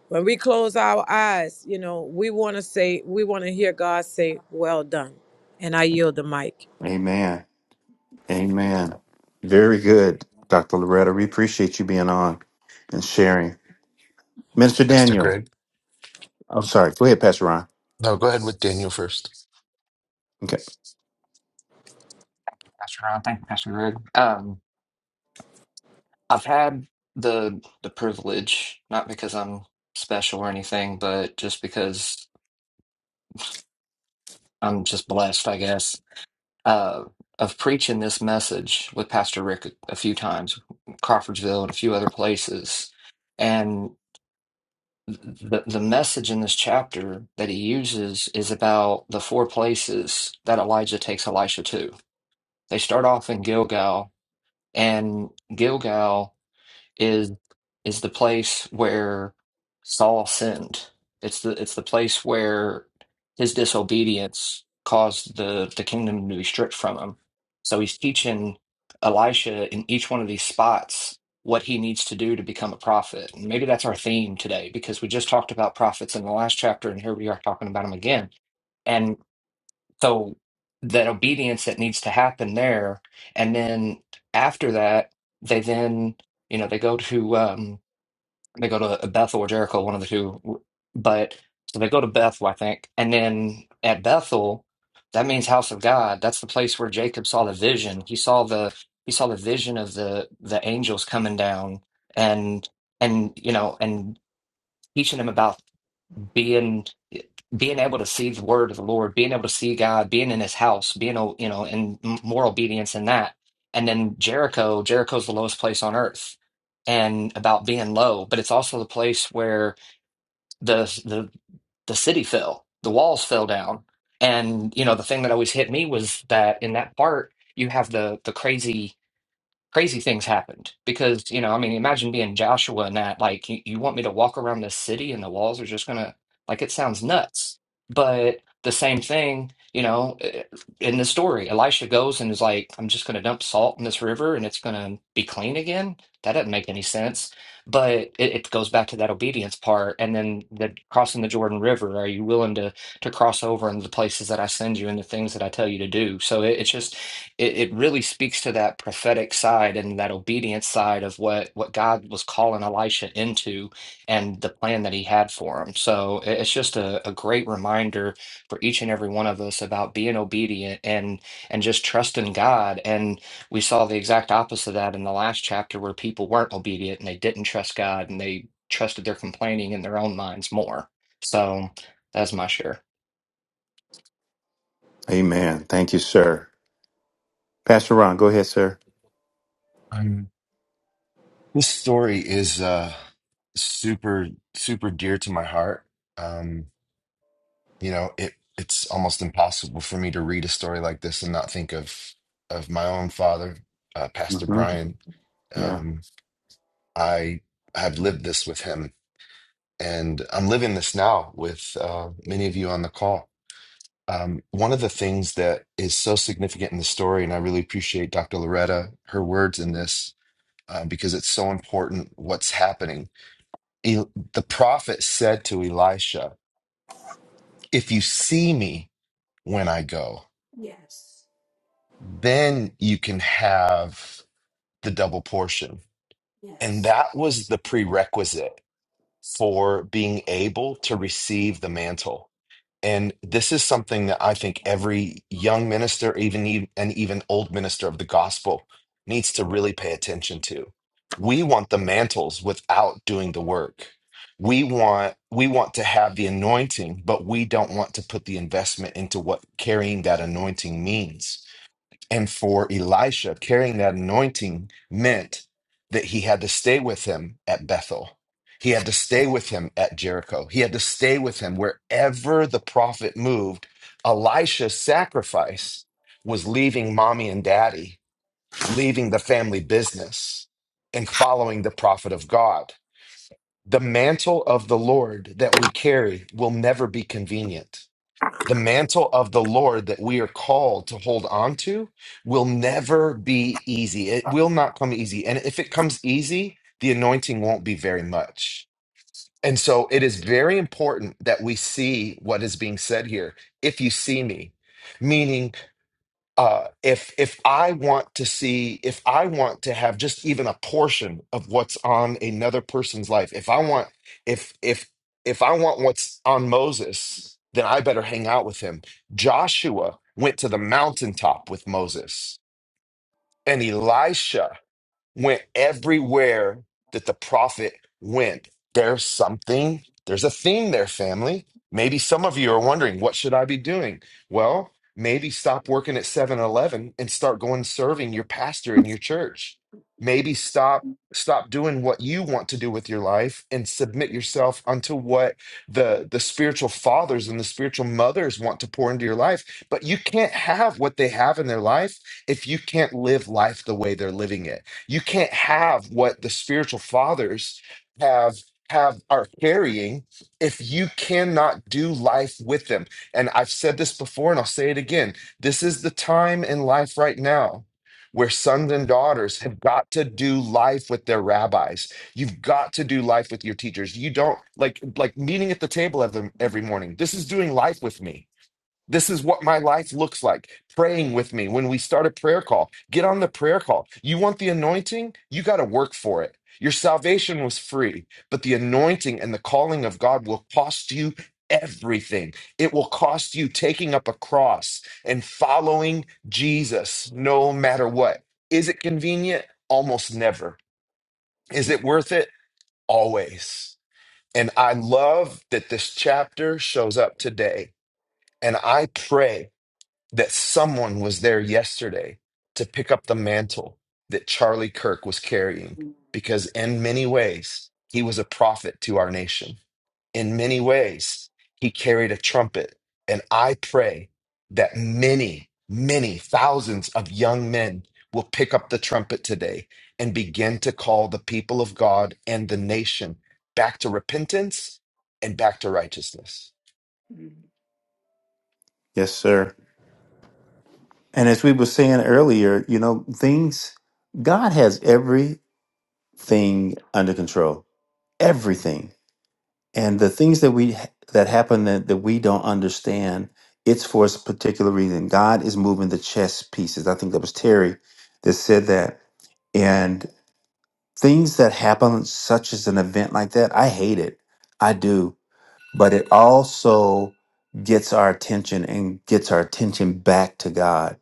when we close our eyes, you know, we want to say, we want to hear God say, well done. And I yield the mic. Amen. Amen. Very good, Dr. Loretta. We appreciate you being on and sharing. Minister Mr. Daniel. Greg. I'm sorry. Go ahead, Pastor Ron. No, go ahead with Daniel first. Okay. Pastor Ron. Thank you, Pastor Greg. Um, I've had the the privilege, not because I'm special or anything, but just because I'm just blessed, I guess, uh, of preaching this message with Pastor Rick a, a few times, Crawfordsville and a few other places, and the the message in this chapter that he uses is about the four places that Elijah takes Elisha to. They start off in Gilgal And Gilgal is is the place where Saul sinned. It's the it's the place where his disobedience caused the the kingdom to be stripped from him. So he's teaching Elisha in each one of these spots what he needs to do to become a prophet. And maybe that's our theme today because we just talked about prophets in the last chapter and here we are talking about them again. So the obedience that needs to happen there, and then after that, they then you know they go to um, they go to Bethel or Jericho, one of the two. But so they go to Bethel, I think, and then at Bethel, that means house of God. That's the place where Jacob saw the vision. He saw the he saw the vision of the the angels coming down and and you know and teaching him about being being able to see the word of the Lord, being able to see God, being in His house, being you know in more obedience in that, and then Jericho. Jericho's the lowest place on earth, and about being low, but it's also the place where the the the city fell, the walls fell down, and you know the thing that always hit me was that in that part you have the the crazy crazy things happened because you know i mean imagine being joshua and that like you, you want me to walk around this city and the walls are just gonna like it sounds nuts but the same thing you know eh, in the story elisha goes and is like i'm just gonna dump salt in this river and it's gonna be clean again that doesn't make any sense but it, it goes back to that obedience part and then the crossing the jordan river are you willing to to cross over into the places that i send you and the things that i tell you to do so it, it's just it, it really speaks to that prophetic side and that obedience side of what what God was calling Elisha into and the plan that he had for him. So it- it's just a, a great reminder for each and every one of us about being obedient and and just trusting God. And we saw the exact opposite of that in the last chapter where people weren't obedient and they didn't trust God and they trusted their complaining in their own minds more. So that's my share. Amen. Thank you, sir. Pastor Ron, go ahead, sir. Um, this story is uh, super, super dear to my heart. Um, you know, it it's almost impossible for me to read a story like this and not think of of my own father, uh, Pastor hmm Brian. Yeah. Um, I have lived this with him, and I'm living this now with uh, many of you on the call. Um, one of the things that is so significant in the story, and I really appreciate Dr. Loretta her words in this um, because it's so important what's happening. El- the prophet said to Elisha, If you see me when I go, then you can have the double portion. And that was the prerequisite for being able to receive the mantle And this is something that I think every young minister, even e- and even old minister of the gospel, needs to really pay attention to. We want the mantles without doing the work. We want we want to have the anointing, but we don't want to put the investment into what carrying that anointing means. And for Elisha, carrying that anointing meant that he had to stay with him at Bethel. He had to stay with him at Jericho. He had to stay with him wherever the prophet moved. Elisha's sacrifice was leaving mommy and daddy, leaving the family business, and following the prophet of God. The mantle of the Lord that we carry will never be convenient the mantle of the Lord that we are called to hold on to will never be easy. It will not come easy. And if it comes easy, the anointing won't be very much. And so it is very important that we see what is being said here. If you see me, meaning uh, if if I want to see, if I want to have just even a portion of what's on another person's life, if I want, if if if I want what's on Moses, then I better hang out with him. Joshua went to the mountaintop with Moses, and Elisha went everywhere that the prophet went. There's something, there's a theme there, family. Maybe some of you are wondering, what should I be doing? Well, maybe stop working at Seven Eleven and start going serving your pastor in your church. Maybe stop. Stop doing what you want to do with your life and submit yourself unto what the, the spiritual fathers and the spiritual mothers want to pour into your life. But you can't have what they have in their life if you can't live life the way they're living it. You can't have what the spiritual fathers have have are carrying if you cannot do life with them. And I've said this before and I'll say it again. This is the time in life right now where sons and daughters have got to do life with their rabbis. You've got to do life with your teachers. You don't like like meeting at the table of them every morning. This is doing life with me this is what my life looks like. Praying with me when we start a prayer call. Get on the prayer call. You want the anointing? You got to work for it. Your salvation was free, but the anointing and the calling of God will cost you everything. It will cost you taking up a cross and following Jesus no matter what. Is it convenient? Almost never. Is it worth it? Always. And I love that this chapter shows up today. And I pray that someone was there yesterday to pick up the mantle that Charlie Kirk was carrying because, in many ways, he was a prophet to our nation. In many ways, he carried a trumpet. And I pray that many, many thousands of young men will pick up the trumpet today and begin to call the people of God and the nation back to repentance and back to righteousness. Yes, sir. And as we were saying earlier, you know, things, God has everything under control. Everything. and the things that we that happen that, that we don't understand it's for a particular reason god is moving the chess pieces i think that was terry that said that and things that happen such as an event like that i hate it i do but it also gets our attention and gets our attention back to god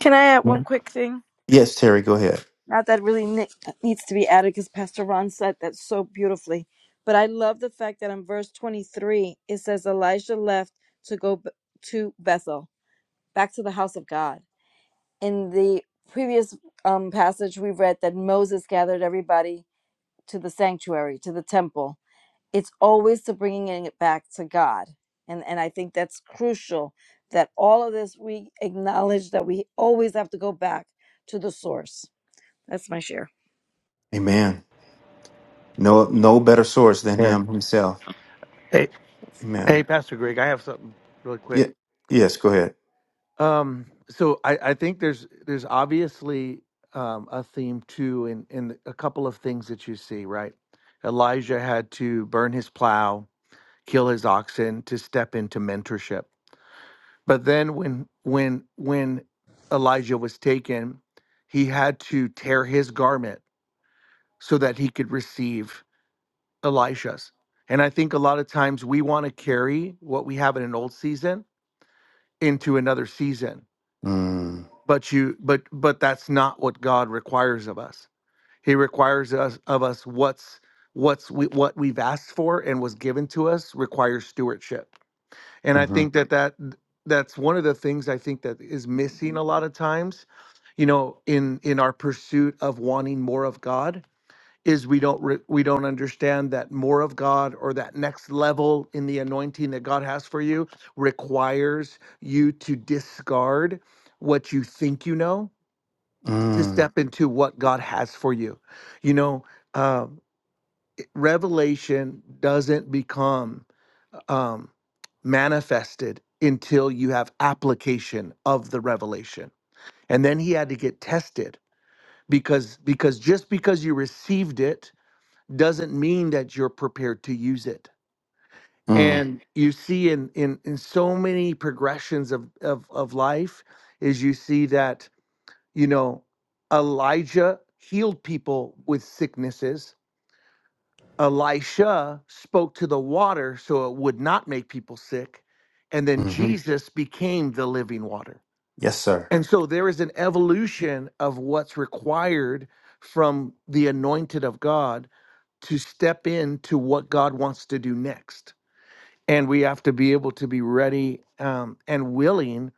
Can I add one Yeah. quick thing? yes terry go ahead Not that really ne- needs to be added because Pastor Ron said that so beautifully. But I love the fact that in verse 23, it says Elijah left to go b- to Bethel, back to the house of God. In the previous um, passage, we read that Moses gathered everybody to the sanctuary, to the temple. it's always the bringing it back to God. And, and I think that's crucial that all of this we acknowledge that we always have to go back to the source. That's my share. amen no no better source than Yeah. him himself Hey, hey, amen Pastor Greg, I have something really quick. yeah yes go ahead Um, so I, I think there's there's obviously um, a theme too in in a couple of things that you see, right? Elijah had to burn his plow, kill his oxen to step into mentorship. But then when when when Elijah was taken, he had to tear his garment so that he could receive Elisha's. And I think a lot of times we want to carry what we have in an old season into another season mm-hmm. but you but but that's not what god requires of us he requires us of us what's what's we, what we've asked for and was given to us requires stewardship and i think that that that's one of the things i think that is Mm-hmm. missing a lot of times you know in in our pursuit of wanting more of god is we don't re- we don't understand that more of God or that next level in the anointing that God has for you requires you to discard what you think you know to Mm, step into what God has for you. You know, uh, revelation doesn't become um, manifested until you have application of the revelation, and then he had to get tested because because just because you received it doesn't mean that you're prepared to use it. mm, And you see in in in so many progressions of of of life is you see that, you know, Elijah healed people with sicknesses. Elisha spoke to the water so it would not make people sick. And then hmm Jesus became the living water. Yes, sir. And so there is an evolution of what's required from the anointed of God to step into what God wants to do next. And we have to be able to be ready um, and willing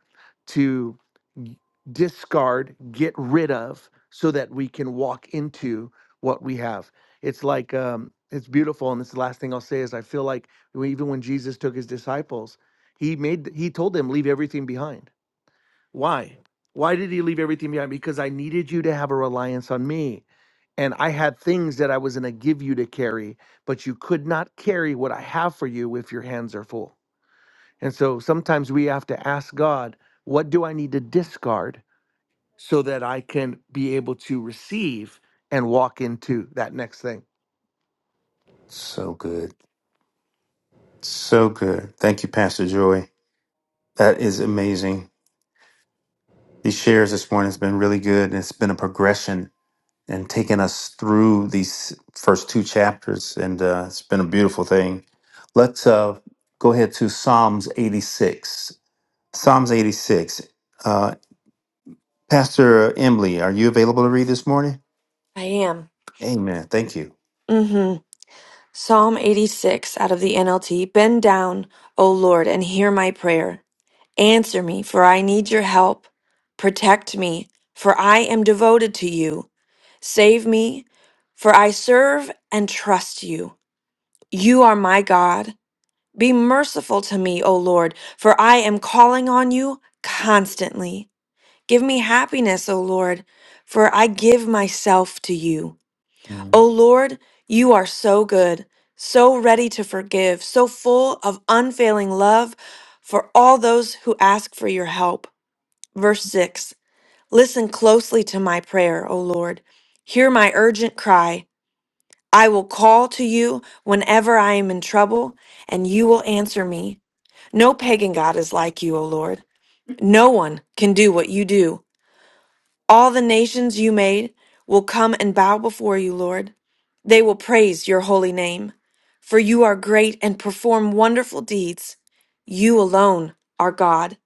to g- discard, get rid of, so that we can walk into what we have. It's like, um, it's beautiful. And this is the last thing I'll say is I feel like we- even when Jesus took his disciples, he made, he told them, leave everything behind why? Why did he leave everything behind? Because I needed you to have a reliance on me. And I had things that I was going to give you to carry, but you could not carry what I have for you if your hands are full. And so sometimes we have to ask God, what do I need to discard so that I can be able to receive and walk into that next thing? So good. So good. Thank you, Pastor Joy. That is amazing. These shares this morning has been really good. And it's been a progression and taking us through these first two chapters. And uh, it's been a beautiful thing. Let's uh, go ahead to Psalms 86. Psalms 86. Uh, Pastor Emily, are you available to read this morning? I am. Amen. Thank you. mm hmm Psalm 86 out of the NLT. Bend down, O Lord, and hear my prayer. Answer me, for I need your help. Protect me, for I am devoted to you. Save me, for I serve and trust you. You are my God. Be merciful to me, O Lord, for I am calling on you constantly. Give me happiness, O Lord, for I give myself to you. Mm, O Lord, you are so good, so ready to forgive, so full of unfailing love for all those who ask for your help. Verse 6 Listen closely to my prayer, O Lord. Hear my urgent cry. I will call to you whenever I am in trouble, and you will answer me. No pagan God is like you, O Lord. No one can do what you do. All the nations you made will come and bow before you, Lord. They will praise your holy name, for you are great and perform wonderful deeds. You alone are God.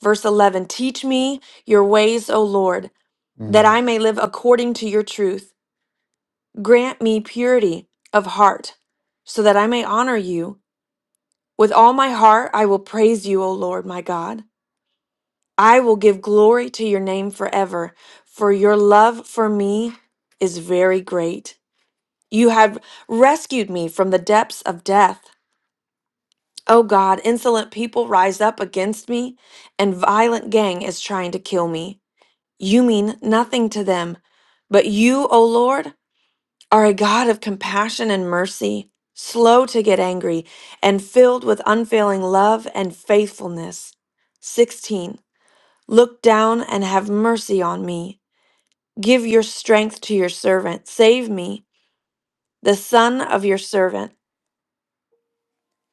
Verse 11 Teach me your ways, O Lord, that mm, I may live according to your truth. Grant me purity of heart, so that I may honor you. With all my heart, I will praise you, O Lord, my God. I will give glory to your name forever, for your love for me is very great. You have rescued me from the depths of death. O God, insolent people rise up against me, and violent gang is trying to kill me. You mean nothing to them, but you, O Lord, are a God of compassion and mercy, slow to get angry, and filled with unfailing love and faithfulness. 16. Look down and have mercy on me Give your strength to your servant. Save me, the son of your servant.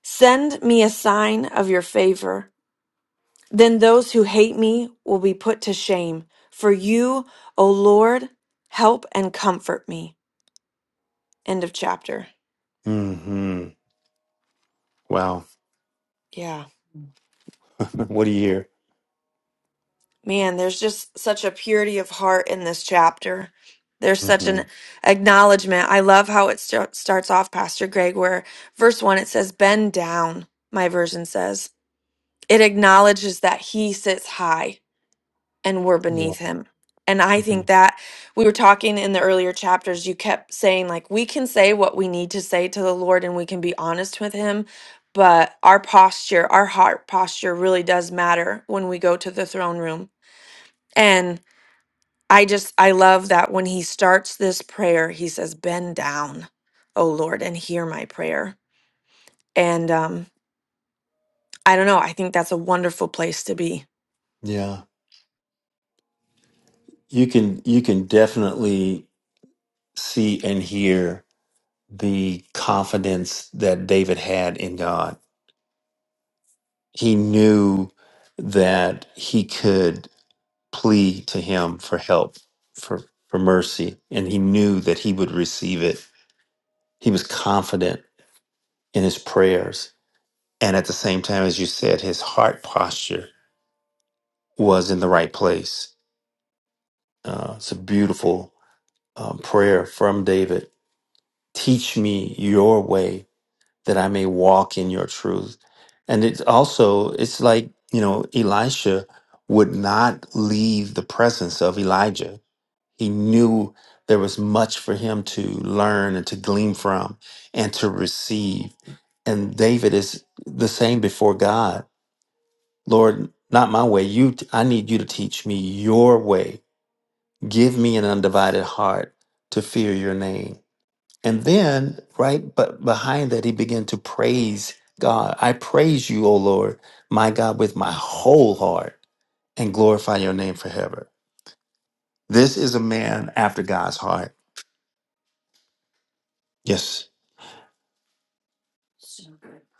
Send me a sign of your favor. Then those who hate me will be put to shame. For you, O Lord, help and comfort me. End of chapter. hmm Wow. Yeah. [LAUGHS] what do you hear? Man, there's just such a purity of heart in this chapter. There's such hmm an acknowledgement. I love how it start, starts off, Pastor Greg, where verse one it says, Bend down, my version says. it acknowledges that he sits high and we're Yeah. beneath him. And I hmm think that we were talking in the earlier chapters, you kept saying, like, we can say what we need to say to the Lord and we can be honest with him. But our posture, our heart posture really does matter when we go to the throne room. And I just, I love that when he starts this prayer, he says, Bend down, O Lord, and hear my prayer. And um, I don't know, I think that's a wonderful place to be. Yeah. You can you can definitely see and hear the confidence that David had in God. He knew that he could plead to him for help, for for mercy, and he knew that he would receive it. He was confident in his prayers. And at the same time, as you said, his heart posture was in the right place. Uh, it's a beautiful um, prayer from David teach me your way that I may walk in your truth. And it's also, it's like, you know, Elisha would not leave the presence of Elijah. He knew there was much for him to learn and to glean from and to receive. And David is the same before God. Lord, not my way. You I need you to teach me your way. Give me an undivided heart to fear your name and then, right, but behind that, he began to praise God. I praise you, O Lord, my God, with my whole heart and glorify your name forever. This is a man after God's heart. Yes.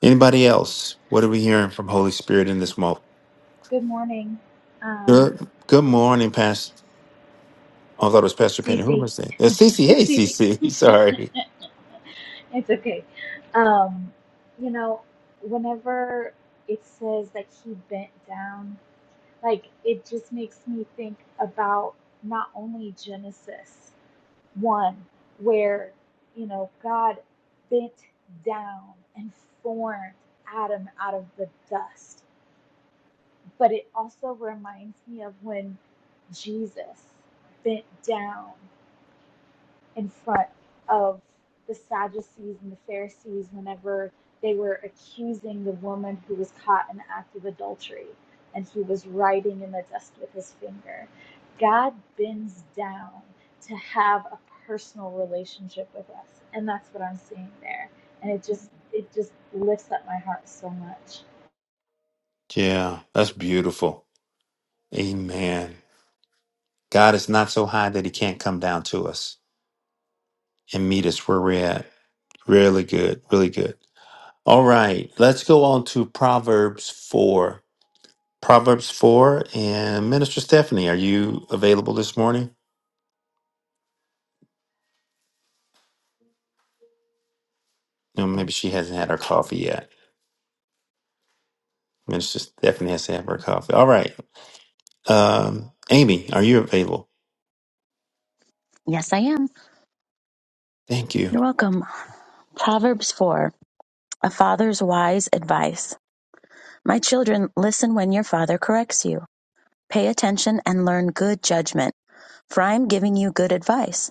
Anybody else? What are we hearing from Holy Spirit in this moment? Good morning. Um, Good, good morning, Pastor. I thought it was it's Pastor Penny. Who Cece. was that? Uh, Cece. Hey, It's Cece. [LAUGHS] Cece. [LAUGHS] Sorry. it's okay. Um, you know, whenever it says that he bent down, like it just makes me think about not only Genesis 1, where, you know, God bent down and formed Adam out of the dust, but it also reminds me of when Jesus bent down in front of the Sadducees and the Pharisees whenever they were accusing the woman who was caught in the act of adultery and he was writing in the dust with his finger. God bends down to have a personal relationship with us, and that's what I'm seeing there. And it just it just lifts up my heart so much. Yeah, that's beautiful. Amen. God is not so high that he can't come down to us and meet us where we're at. Really good. Really good. All right. Let's go on to Proverbs 4. Proverbs 4. And Minister Stephanie, are you available this morning? No, maybe she hasn't had her coffee yet. Minister Stephanie has to have her coffee. All right. Um, Amy, are you available? Yes, I am. Thank you. You're welcome. Proverbs 4 A father's wise advice. My children, listen when your father corrects you. Pay attention and learn good judgment, for I am giving you good advice.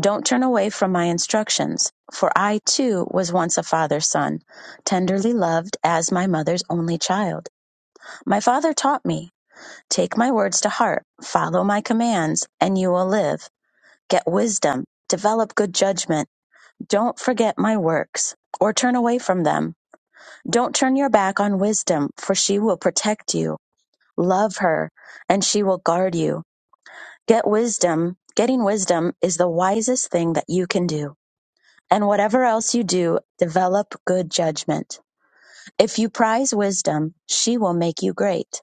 Don't turn away from my instructions, for I too was once a father's son, tenderly loved as my mother's only child. My father taught me, take my words to heart, follow my commands, and you will live. Get wisdom, develop good judgment Don't forget my works, or turn away from them. Don't turn your back on wisdom, for she will protect you. Love her, and she will guard you. Get wisdom. Getting wisdom is the wisest thing that you can do. And whatever else you do, develop good judgment. If you prize wisdom, she will make you great.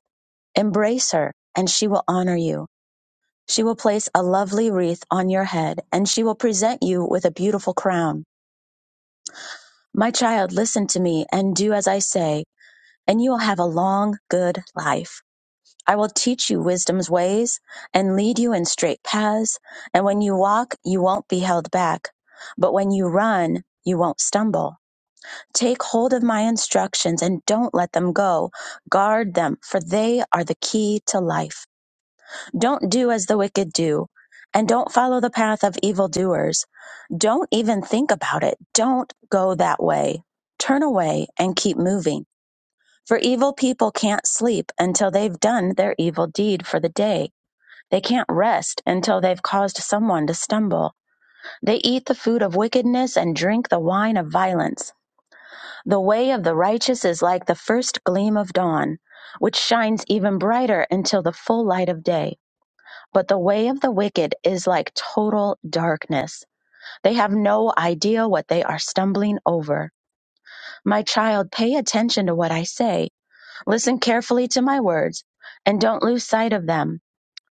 Embrace her, and she will honor you. She will place a lovely wreath on your head, and she will present you with a beautiful crown. My child, listen to me and do as I say and you will have a long, good life. I will teach you wisdom's ways and lead you in straight paths. And when you walk, you won't be held back. But when you run, you won't stumble. Take hold of my instructions and don't let them go. Guard them, for they are the key to life. Don't do as the wicked do, and don't follow the path of evildoers. Don't even think about it. Don't go that way. Turn away and keep moving for evil people can't sleep until they've done their evil deed for the day. They can't rest until they've caused someone to stumble. They eat the food of wickedness and drink the wine of violence. The way of the righteous is like the first gleam of dawn, which shines even brighter until the full light of day. But the way of the wicked is like total darkness. They have no idea what they are stumbling over. My child, pay attention to what I say Listen carefully to my words and don't lose sight of them.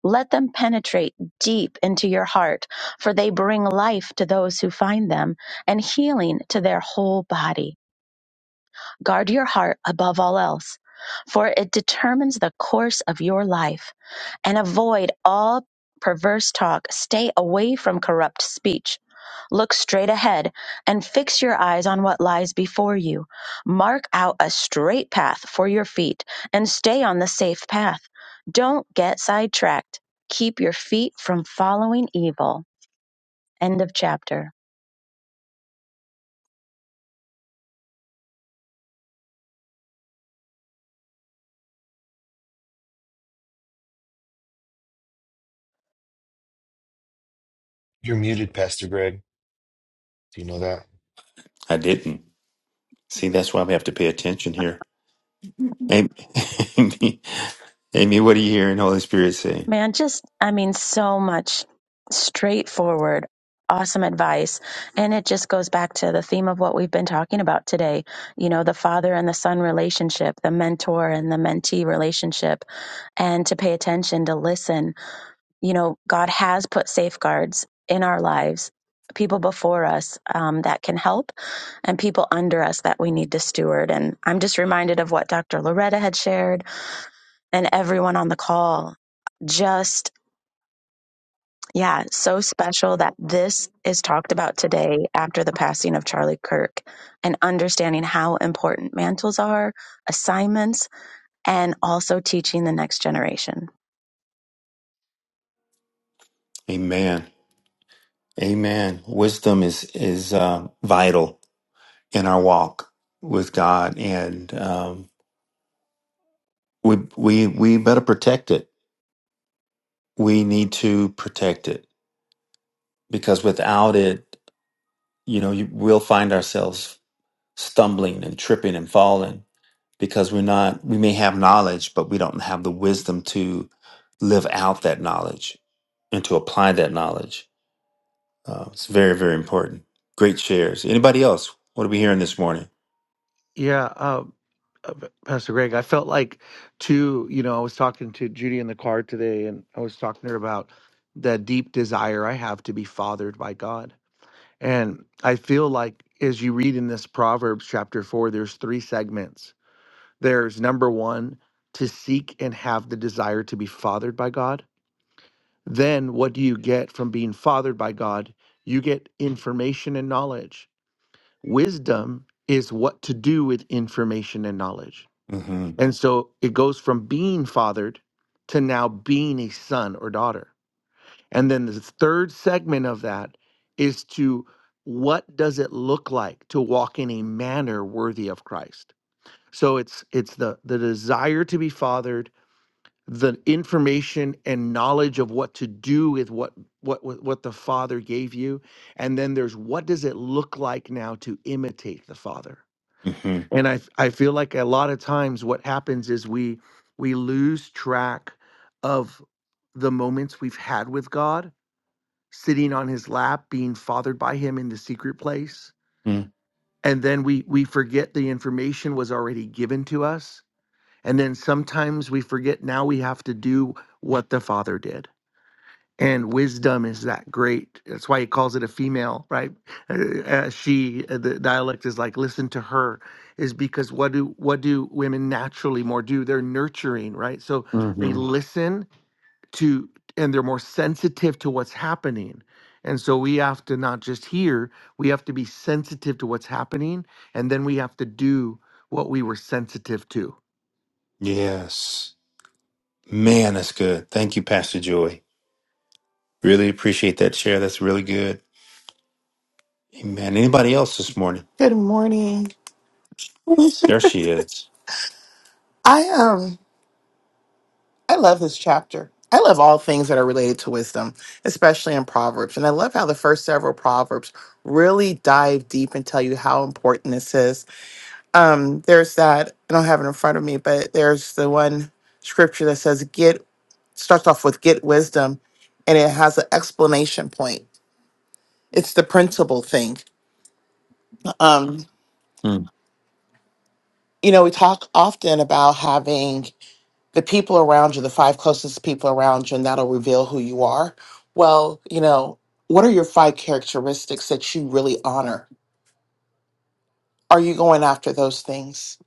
Let them penetrate deep into your heart, for they bring life to those who find them and healing to their whole body. Guard your heart above all else, for it determines the course of your life and avoid all perverse talk. Stay away from corrupt speech. Look straight ahead and fix your eyes on what lies before you. Mark out a straight path for your feet and stay on the safe path. Don't get sidetracked. Keep your feet from following evil. End of chapter. You're muted, Pastor Greg. Do you know that? I didn't. See, that's why we have to pay attention here. Am- [LAUGHS] Amy, Amy, what are you hearing Holy Spirit say? Man, just, I mean, so much straightforward, awesome advice. And it just goes back to the theme of what we've been talking about today you know, the father and the son relationship, the mentor and the mentee relationship, and to pay attention, to listen. You know, God has put safeguards in our lives. People before us um, that can help, and people under us that we need to steward. And I'm just reminded of what Dr. Loretta had shared, and everyone on the call. Just Yeah, so special that this is talked about today after the passing of Charlie Kirk and understanding how important mantles are, assignments, and also teaching the next generation. Amen. Amen. Wisdom is is uh, vital in our walk with God, and um, we we we better protect it. We need to protect it because without it, you know, you, we'll find ourselves stumbling and tripping and falling because we're not. We may have knowledge, but we don't have the wisdom to live out that knowledge and to apply that knowledge. Uh, it's very very important. Great shares. Anybody else? What are we hearing this morning? Yeah, uh, uh, Pastor Greg, I felt like too, you know, I was talking to Judy in the car today and I was talking to her about the deep desire I have to be fathered by God. And I feel like as you read in this Proverbs chapter 4, there's three segments. There's number 1 to seek and have the desire to be fathered by God. Then what do you get from being fathered by God? You get information and knowledge. Wisdom is what to do with information and knowledge Mm-hmm. and so it goes from being fathered to now being a son or daughter. And then the third segment of that is to what does it look like to walk in a manner worthy of Christ? So it's it's the the desire to be fathered, the information and knowledge of what to do with what what what what the father gave you, and then there's what does it look like now to imitate the father? Mm-hmm. and I f- I feel like a lot of times what happens is we we lose track of the moments we've had with God, sitting on his lap, being fathered by him in the secret place. Mm-hmm. And then we we forget the information was already given to us. And then sometimes we forget now we have to do what the Father did and wisdom is that great that's why he calls it a female right uh, uh, she uh, the dialect is like listen to her is because what do what do women naturally more do they're nurturing right so they Mm-hmm. listen to and they're more sensitive to what's happening and so we have to not just hear we have to be sensitive to what's happening and then we have to do what we were sensitive to Yes. Man, that's good. Thank you, Pastor Joy. Really appreciate that share. That's really good. Amen. Anybody else this morning? Good morning. There I she is. um I love this chapter. I love all things that are related to wisdom, especially in Proverbs. And I love how the first several Proverbs really dive deep and tell you how important this is. Um, there's that, I don't have it in front of me, but there's the one scripture that says get starts off with get wisdom and it has an explanation point. It's the principal thing. Um, Mm. you know, we talk often about having the people around you, the five closest people around you, and that'll reveal who you are. Well, you know, what are your five characteristics that you really honor? Are you going after those things?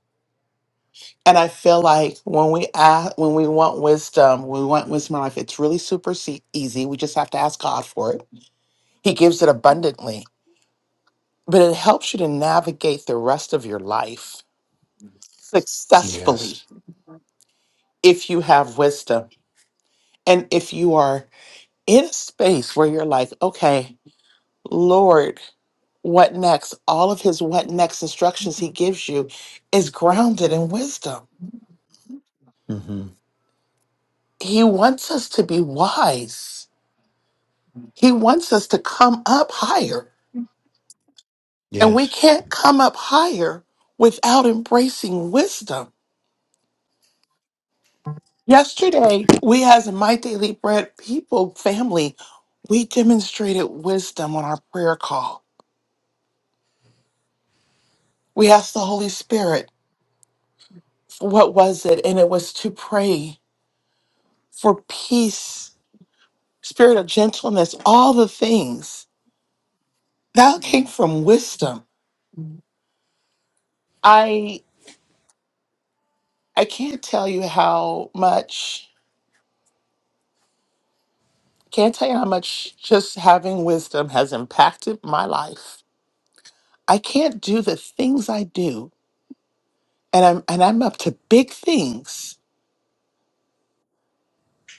And I feel like when we ask, when we want wisdom, we want wisdom in life. It's really super se- easy. We just have to ask God for it. He gives it abundantly, but it helps you to navigate the rest of your life successfully Yes. if you have wisdom and if you are in a space where you're like, okay, Lord, what next? All of his what next instructions he gives you is grounded in wisdom. hmm He wants us to be wise, he wants us to come up higher. And we Yes. can't come up higher without embracing wisdom. Yesterday, we as a My Daily Bread people family, we demonstrated wisdom on our prayer call. We asked the Holy Spirit, what was it? And it was to pray for peace spirit of gentleness, all the things that came from wisdom. I I can't tell you how much can't tell you how much just having wisdom has impacted my life. I can't do the things I do, and I'm and I'm up to big things.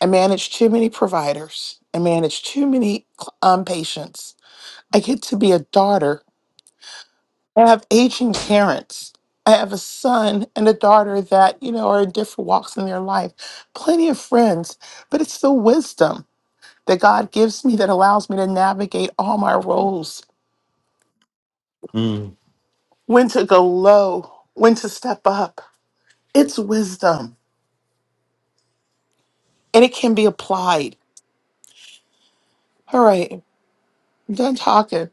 I manage too many providers. I manage too many cl- um, patients. I get to be a daughter I have aging parents. I have a son and a daughter that, you know, are in different walks in their life, plenty of friends, but it's the wisdom that God gives me that allows me to navigate all my roles, Mm. when to go low, when to step up. It's wisdom and it can be applied. All right, I'm done talking.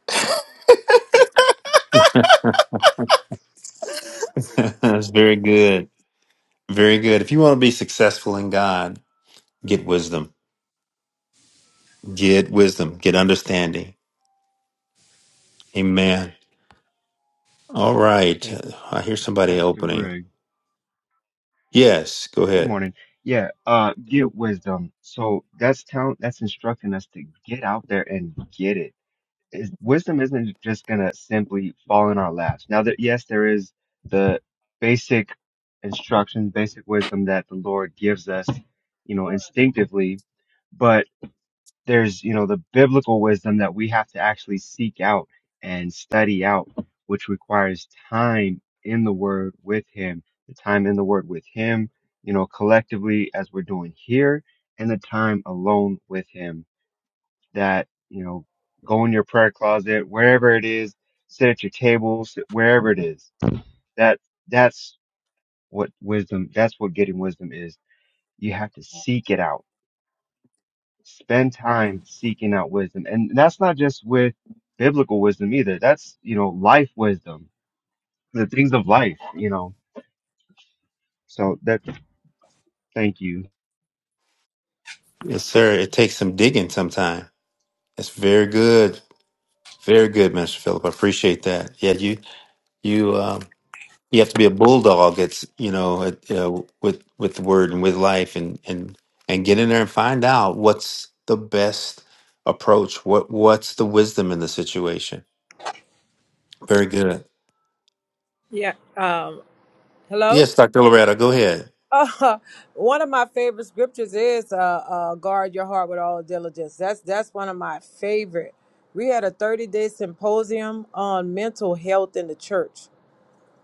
[LAUGHS] that's very good. Very good. If you want to be successful in God, get wisdom. Get wisdom. Get understanding. Amen. All right. Hey, I hear somebody Pastor opening. Greg. Yes. Go Good ahead. morning. Yeah, uh, get wisdom. So that's telling, that's instructing us to get out there and get it. Is, wisdom isn't just gonna simply fall in our laps. Now that yes, there is the basic instruction, basic wisdom that the Lord gives us, you know, instinctively, there's you know the biblical wisdom that we have to actually seek out and study out which requires time in the word with him the time in the word with him you know collectively as we're doing here and the time alone with him that you know go in your prayer closet wherever it is sit at your table sit wherever it is that that's what wisdom that's what getting wisdom is you have to seek it out spend time seeking out wisdom. And that's not just with biblical wisdom either. That's, you know, life wisdom, the things of life, you know. So that, thank you. Yes, sir. It takes some digging sometime. That's very good. Very good, Mr. Philip. I appreciate that. Yeah, you you um, you have to be a bulldog. It's you know it, uh, with with the word and with life and and and get in there and find out what's the best approach. What what's the wisdom in the situation? Very good. Yeah. Um, hello? Yes, Doctor Loretta, go ahead. Uh, [LAUGHS] one of my favorite scriptures is uh, uh, guard your heart with all diligence. That's, that's one of my favorite. We had a 30 day symposium on mental health in the church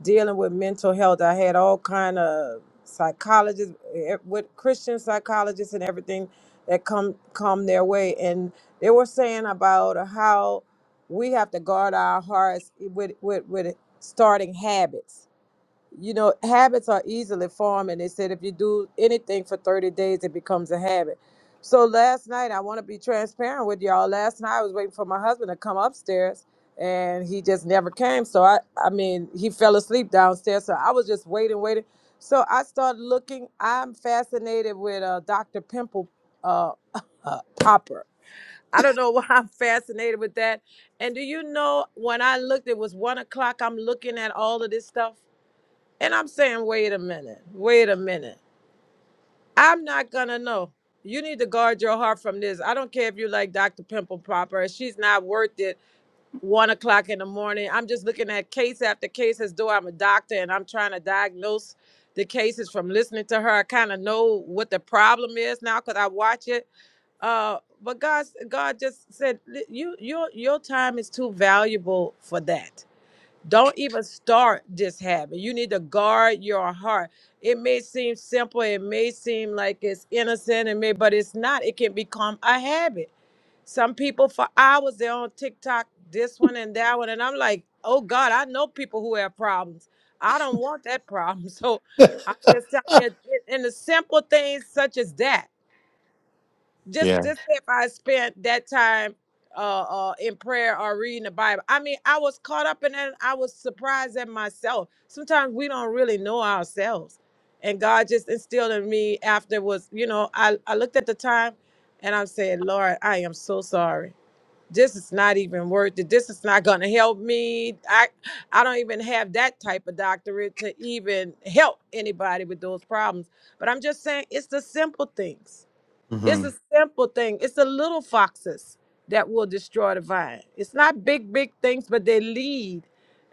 dealing with mental health. I had all kind of psychologists, eh, eh, with Christian psychologists and everything that come come their way, and they were saying about how we have to guard our hearts with with with starting habits you know, habits are easily formed. And they said if you do anything for 30 days, it becomes a habit. So last night, I want to be transparent with y'all. Last night, I was waiting for my husband to come upstairs and he just never came. So I, I mean, he fell asleep downstairs. So I was just waiting, waiting. So I started looking. I'm fascinated with uh, Dr. Pimple uh, [LAUGHS] Popper. I don't know [LAUGHS] why I'm fascinated with that. And do you know when I looked, it was one o'clock. I'm looking at all of this stuff and I'm saying, wait a minute, wait a minute. I'm not gonna know. You need to guard your heart from this. I don't care if you like Dr. Pimple Popper. She's not worth it. One o'clock in the morning. I'm just looking at case after case as though I'm a doctor and I'm trying to diagnose the cases from listening to her. I kind of know what the problem is now because I watch it. Uh, but God, God just said, "Li- you, your, your time is too valuable for that. Don't even start this habit. You need to guard your heart. It may seem simple, it may seem like it's innocent, it may, but it's not. It can become a habit. Some people for hours they're on TikTok, this one and that one, and I'm like, oh God, I know people who have problems. I don't want that problem. [LAUGHS] So [LAUGHS] I'm just telling you, and the simple things such as that just Yeah, just if I spent that time uh, uh in prayer or reading the Bible. I mean, I was caught up in it. I was surprised at myself. Sometimes we don't really know ourselves. And God just instilled in me after was, you know, I, I looked at the time and I'm saying, Lord, I am so sorry. This is not even worth it. This is not gonna help me. I I don't even have that type of doctorate to even help anybody with those problems. But I'm just saying it's the simple things it's hmm a simple thing. It's the little foxes that will destroy the vine. It's not big, big things, but they lead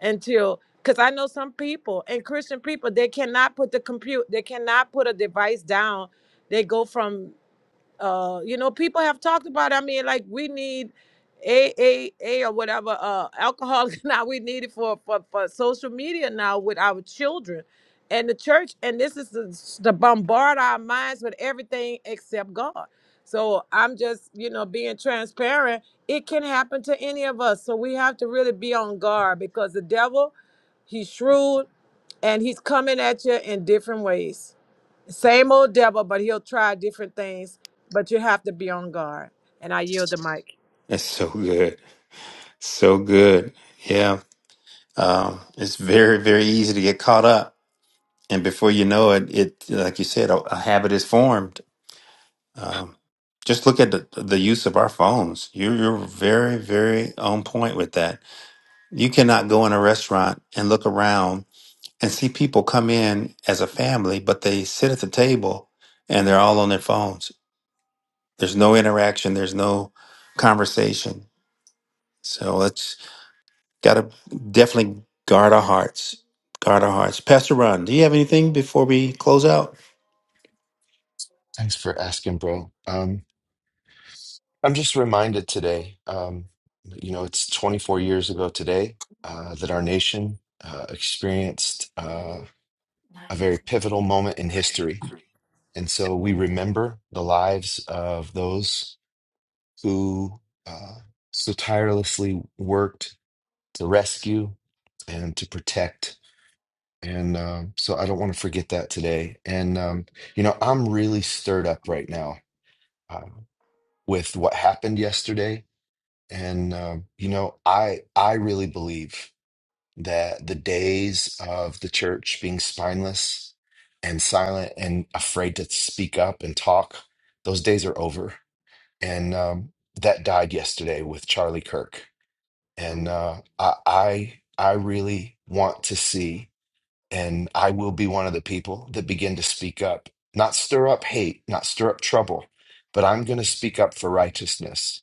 until because I know some people and Christian people, they cannot put the compute, they cannot put a device down. They go from uh you know people have talked about it. i mean like we need A A A or whatever uh alcohol [LAUGHS] now we need it for, for for social media now with our children and the church and this is to, to bombard our minds with everything except God so I'm just you know being transparent it can happen to any of us so we have to really be on guard because the devil he's shrewd and he's coming at you in different ways same old devil, but he'll try different things. But you have to be on guard. And I yield the mic. it's so good, so good. Yeah, um, it's very very easy to get caught up, and before you know it, it like you said, a, a habit is formed Um, just look at the, the use of our phones. You're, you're very, very on point with that. You cannot go in a restaurant and look around and see people come in as a family, but they sit at the table and they're all on their phones. There's no interaction, there's no conversation. So let's got to definitely guard our hearts. Guard our hearts. Pastor Ron, do you have anything before we close out? Thanks for asking, bro. Um, I'm just reminded today, um, you know, it's 24 years ago today uh, that our nation uh, experienced uh, a very pivotal moment in history. And so we remember the lives of those who uh, so tirelessly worked to rescue and to protect. And um, so I don't want to forget that today. And, um, you know, I'm really stirred up right now uh, with what happened yesterday And um, you know, I I really believe that the days of the church being spineless and silent and afraid to speak up and talk, those days are over. And um, that died yesterday with Charlie Kirk. And uh, I I I really want to see, and I will be one of the people that begin to speak up, not stir up hate, not stir up trouble, but I'm going to speak up for righteousness.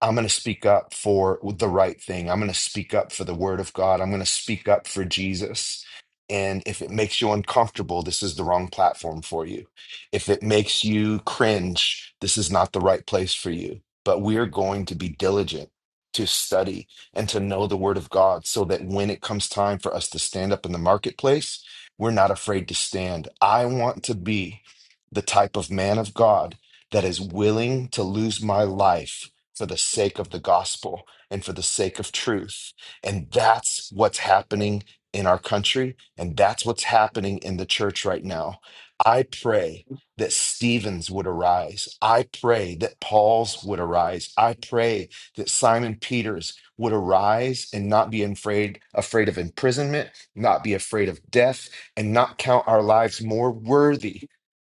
I'm going to speak up for the right thing. I'm going to speak up for the word of God. I'm going to speak up for Jesus. And if it makes you uncomfortable, this is the wrong platform for you. If it makes you cringe, this is not the right place for you. But we're going to be diligent to study and to know the word of God so that when it comes time for us to stand up in the marketplace, we're not afraid to stand. I want to be the type of man of God that is willing to lose my life for the sake of the gospel and for the sake of truth. And that's what's happening in our country. And that's what's happening in the church right now. I pray that Stevens would arise. I pray that Paul's would arise. I pray that Simon Peter's would arise and not be afraid afraid of imprisonment, not be afraid of death, and not count our lives more worthy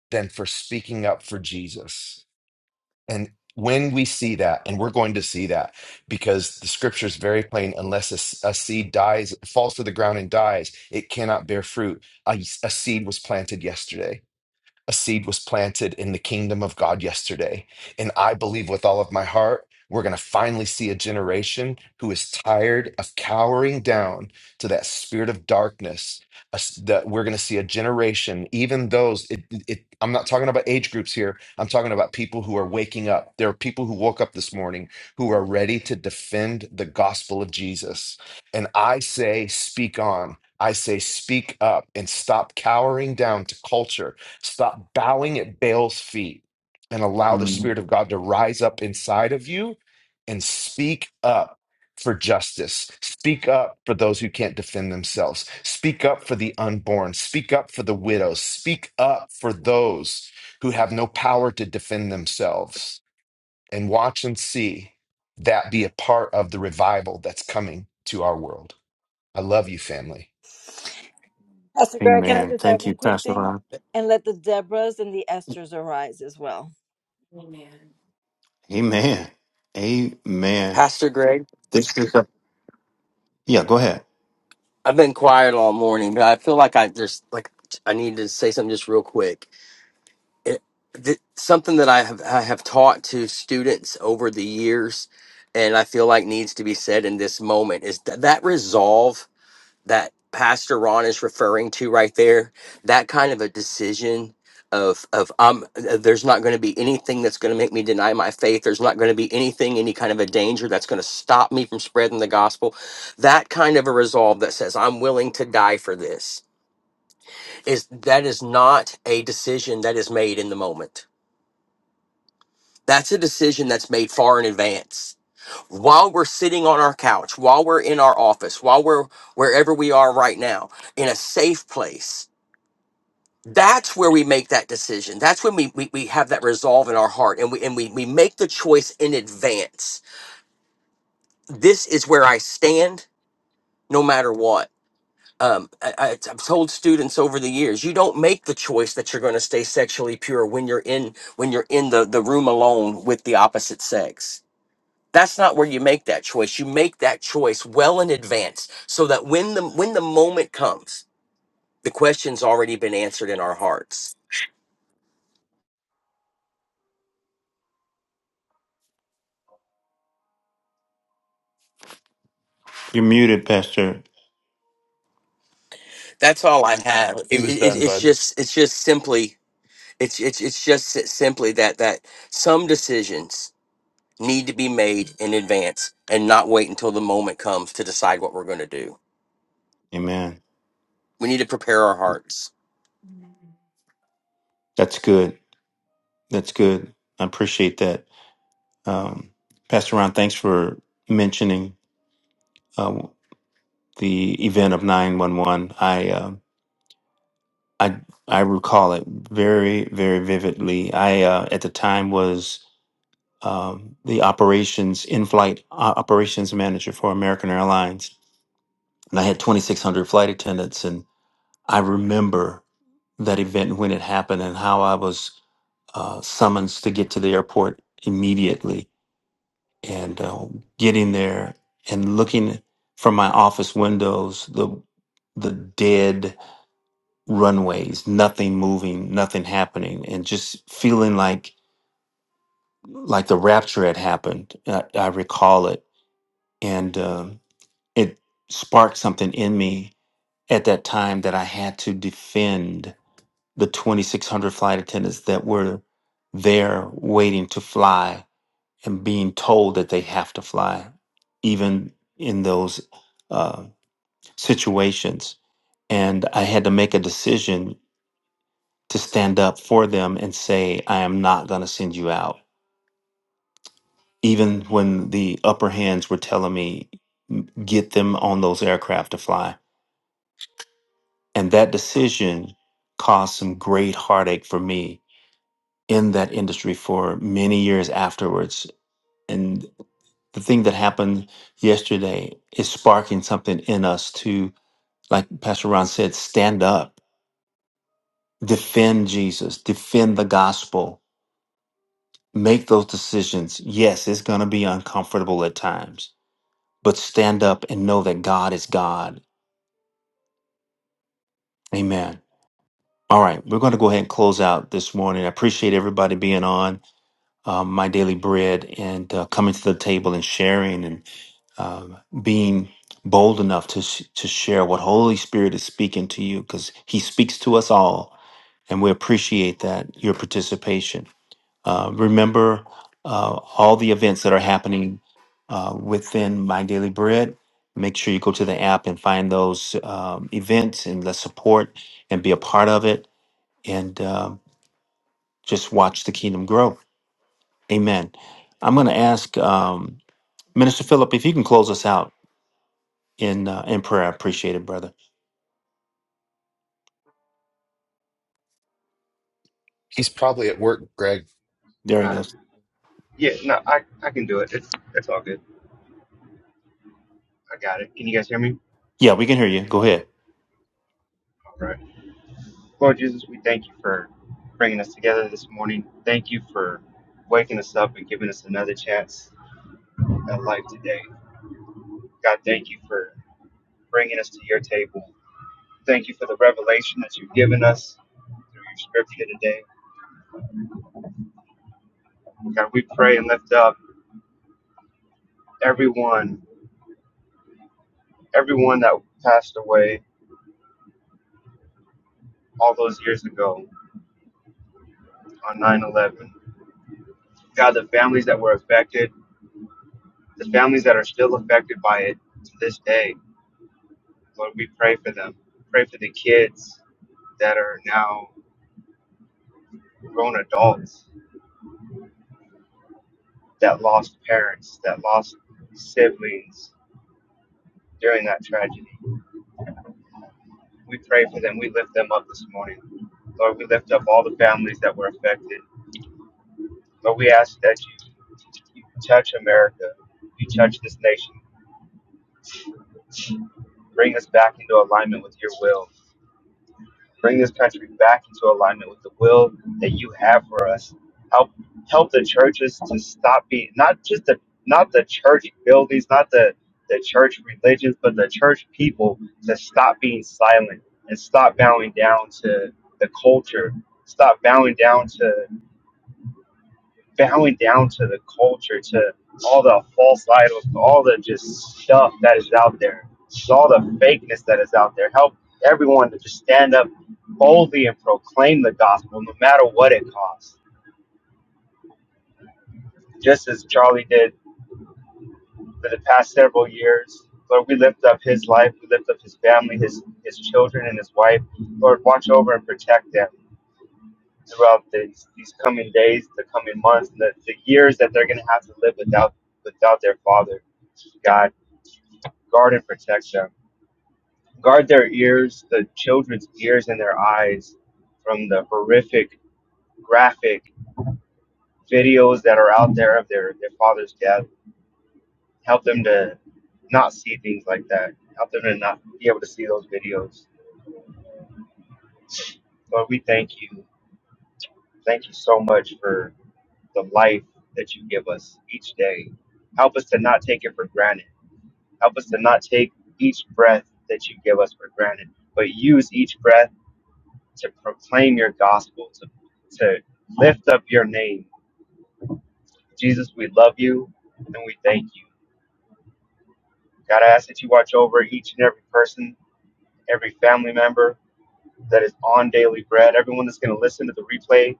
than for speaking up for Jesus. And when we see that, and we're going to see that because the scripture is very plain unless a, s- a seed dies, falls to the ground and dies, it cannot bear fruit. A, a seed was planted yesterday a seed was planted in the kingdom of God yesterday. And I believe with all of my heart, we're going to finally see a generation who is tired of cowering down to that spirit of darkness. Us- That we're going to see a generation, even those, it, it, I'm not talking about age groups here. I'm talking about people who are waking up. There are people who woke up this morning who are ready to defend the gospel of Jesus. And I say, speak on. I say, speak up and stop cowering down to culture Stop bowing at Baal's feet and allow the Mm, Spirit of God to rise up inside of you and speak up for justice. Speak up for those who can't defend themselves. Speak up for the unborn. Speak up for the widows. Speak up for those who have no power to defend themselves. And watch and see that be a part of the revival that's coming to our world. I love you, family. Pastor Greg, can I Amen. just add Thank you, one quick Pastor thing? Ron. And let the Deborahs and the Esthers arise as well. Amen. Amen. Pastor Greg, This is a yeah. Go ahead. I've been quiet all morning, but I feel like I just like I need to say something just real quick. It, th- something that I have I have taught to students over the years, and I feel like needs to be said in this moment is that that resolve that Pastor Ron is referring to right there, that kind of a decision of of um uh, there's not going to be anything that's going to make me deny my faith there's not going to be anything any kind of a danger that's going to stop me from spreading the gospel that kind of a resolve that says i'm willing to die for this is that is not a decision that is made in the moment that's a decision that's made far in advance while we're sitting on our couch while we're in our office while we're wherever we are right now in a safe place that's where we make that decision that's when we, we, we have that resolve in our heart and we and we, we make the choice in advance this is where i stand no matter what um, I, I, i've told students over the years you don't make the choice that you're going to stay sexually pure when you're in when you're in the, the room alone with the opposite sex that's not where you make that choice you make that choice well in advance so that when the when the moment comes the question's already been answered in our hearts You're muted, Pastor. That's all I have. It, it, it- it's just it's just simply it's it's it's just s- simply that that some decisions need to be made in advance and not wait until the moment comes to decide what we're going to do. Amen. We need to prepare our hearts. That's good. That's good. I appreciate that, um, Pastor Ron. Thanks for mentioning uh, the event of nine one one. I um I I recall it very very vividly. I uh, at the time was um, the operations in flight uh, operations manager for American Airlines, and I had 2,600 flight attendants, and I remember that event and when it happened and how I was. uh, summons to get to the airport immediately. And uh, getting there and looking from my office windows, the the dead runways, nothing moving, nothing happening, and just feeling like like the rapture had happened. I, I recall it, and um, it sparked something in me at that time that I had to defend the 2,600 flight attendants that were there waiting to fly and being told that they have to fly, even in those uh, situations. And I had to make a decision to stand up for them and say, I am not going to send you out. Even when the upper hands were telling me, get them on those aircraft to fly. And that decision caused some great heartache for me in that industry for many years afterwards. And the thing that happened yesterday is sparking something in us to. like Pastor Ron said, stand up, defend Jesus, defend the gospel, make those decisions. Yes, it's going to be uncomfortable at times, but stand up and know that God is God. Amen. All right, we're going to go ahead and close out this morning. I appreciate everybody being on um, my daily bread and uh, coming to the table and sharing and um being bold enough to sh- to share what Holy Spirit is speaking to you because He speaks to us all, and we appreciate that your participation. Uh, remember uh, all the events that are happening uh, within My Daily Bread. Make sure you go to the app and find those um, events and let's support and be a part of it and um just watch the kingdom grow. Amen. I'm going to ask um, Minister Philip if you can close us out in uh, in prayer. I appreciate it, brother. He's probably at work, Greg. There he Uh, goes. yeah, no, I, I can do it. It's, it's all good. I got it. Can you guys hear me? Yeah, we can hear you. Go ahead. All right. Lord Jesus, we thank you for bringing us together this morning. Thank you for waking us up and giving us another chance at life today. God, thank you for bringing us to your table. Thank you for the revelation that you've given us through your scripture today. God, we pray and lift up everyone, everyone that passed away all those years ago on 9 11. God, the families that were affected, the families that are still affected by it to this day, Lord, we pray for them. Pray for the kids that are now grown adults that lost parents, that lost siblings during that tragedy. We pray for them. We lift them up this morning. Lord, we lift up all the families that were affected. Lord, we ask that you, you touch America, you touch this nation, bring us back into alignment with your will, bring this country back into alignment with the will that you have for us. Help help the churches to stop being not just the not the church buildings, not the the church religions, but the church people to stop being silent and stop bowing down to the culture, stop bowing down to. bowing down to the culture, to all the false idols, to all the just stuff that is out there, to all the fakeness that is out there. Help everyone to just stand up boldly and proclaim the gospel, no matter what it costs. Just as Charlie did for the past several years, Lord, we lift up his life, we lift up his family, his his children, and his wife. Lord, watch over and protect them. throughout these, these coming days, the coming months, the, the years that they're going to have to live without without their father. God, guard and protect them. Guard their ears, the children's ears and their eyes from the horrific, graphic videos that are out there of their, their father's death. Help them to not see things like that. Help them to not be able to see those videos. Lord, we thank you. Thank you so much for. the life that you give us each day. Help us to not take it for granted. Help us to not take each breath that you give us for granted, but use each breath to proclaim your gospel, to, to lift up your name. Jesus, we love you and we thank you. God, I ask that you watch over each and every person, every family member that is on daily bread, everyone that's going to listen to the replay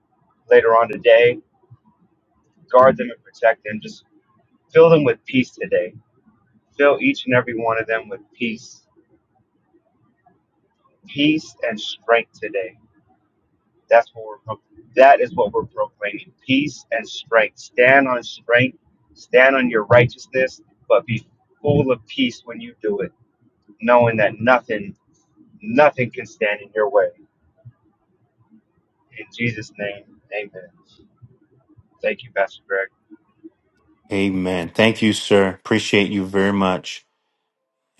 later on today. Guard them and protect them. Just fill them with peace today Fill each and every one of them with peace, peace and strength today. That's what we're pro- that is what we're proclaiming. Peace and strength. Stand on strength. Stand on your righteousness, but be full of peace when you do it, knowing that nothing, nothing can stand in your way. In Jesus' name, Amen. Thank you, Pastor Greg. Amen. Thank you, sir. Appreciate you very much.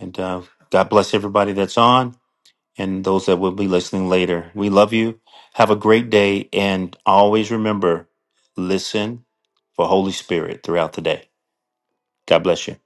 And uh, God bless everybody that's on. and those that will be listening later. We love you. Have a great day. And always remember listen for Holy Spirit throughout the day. God bless you.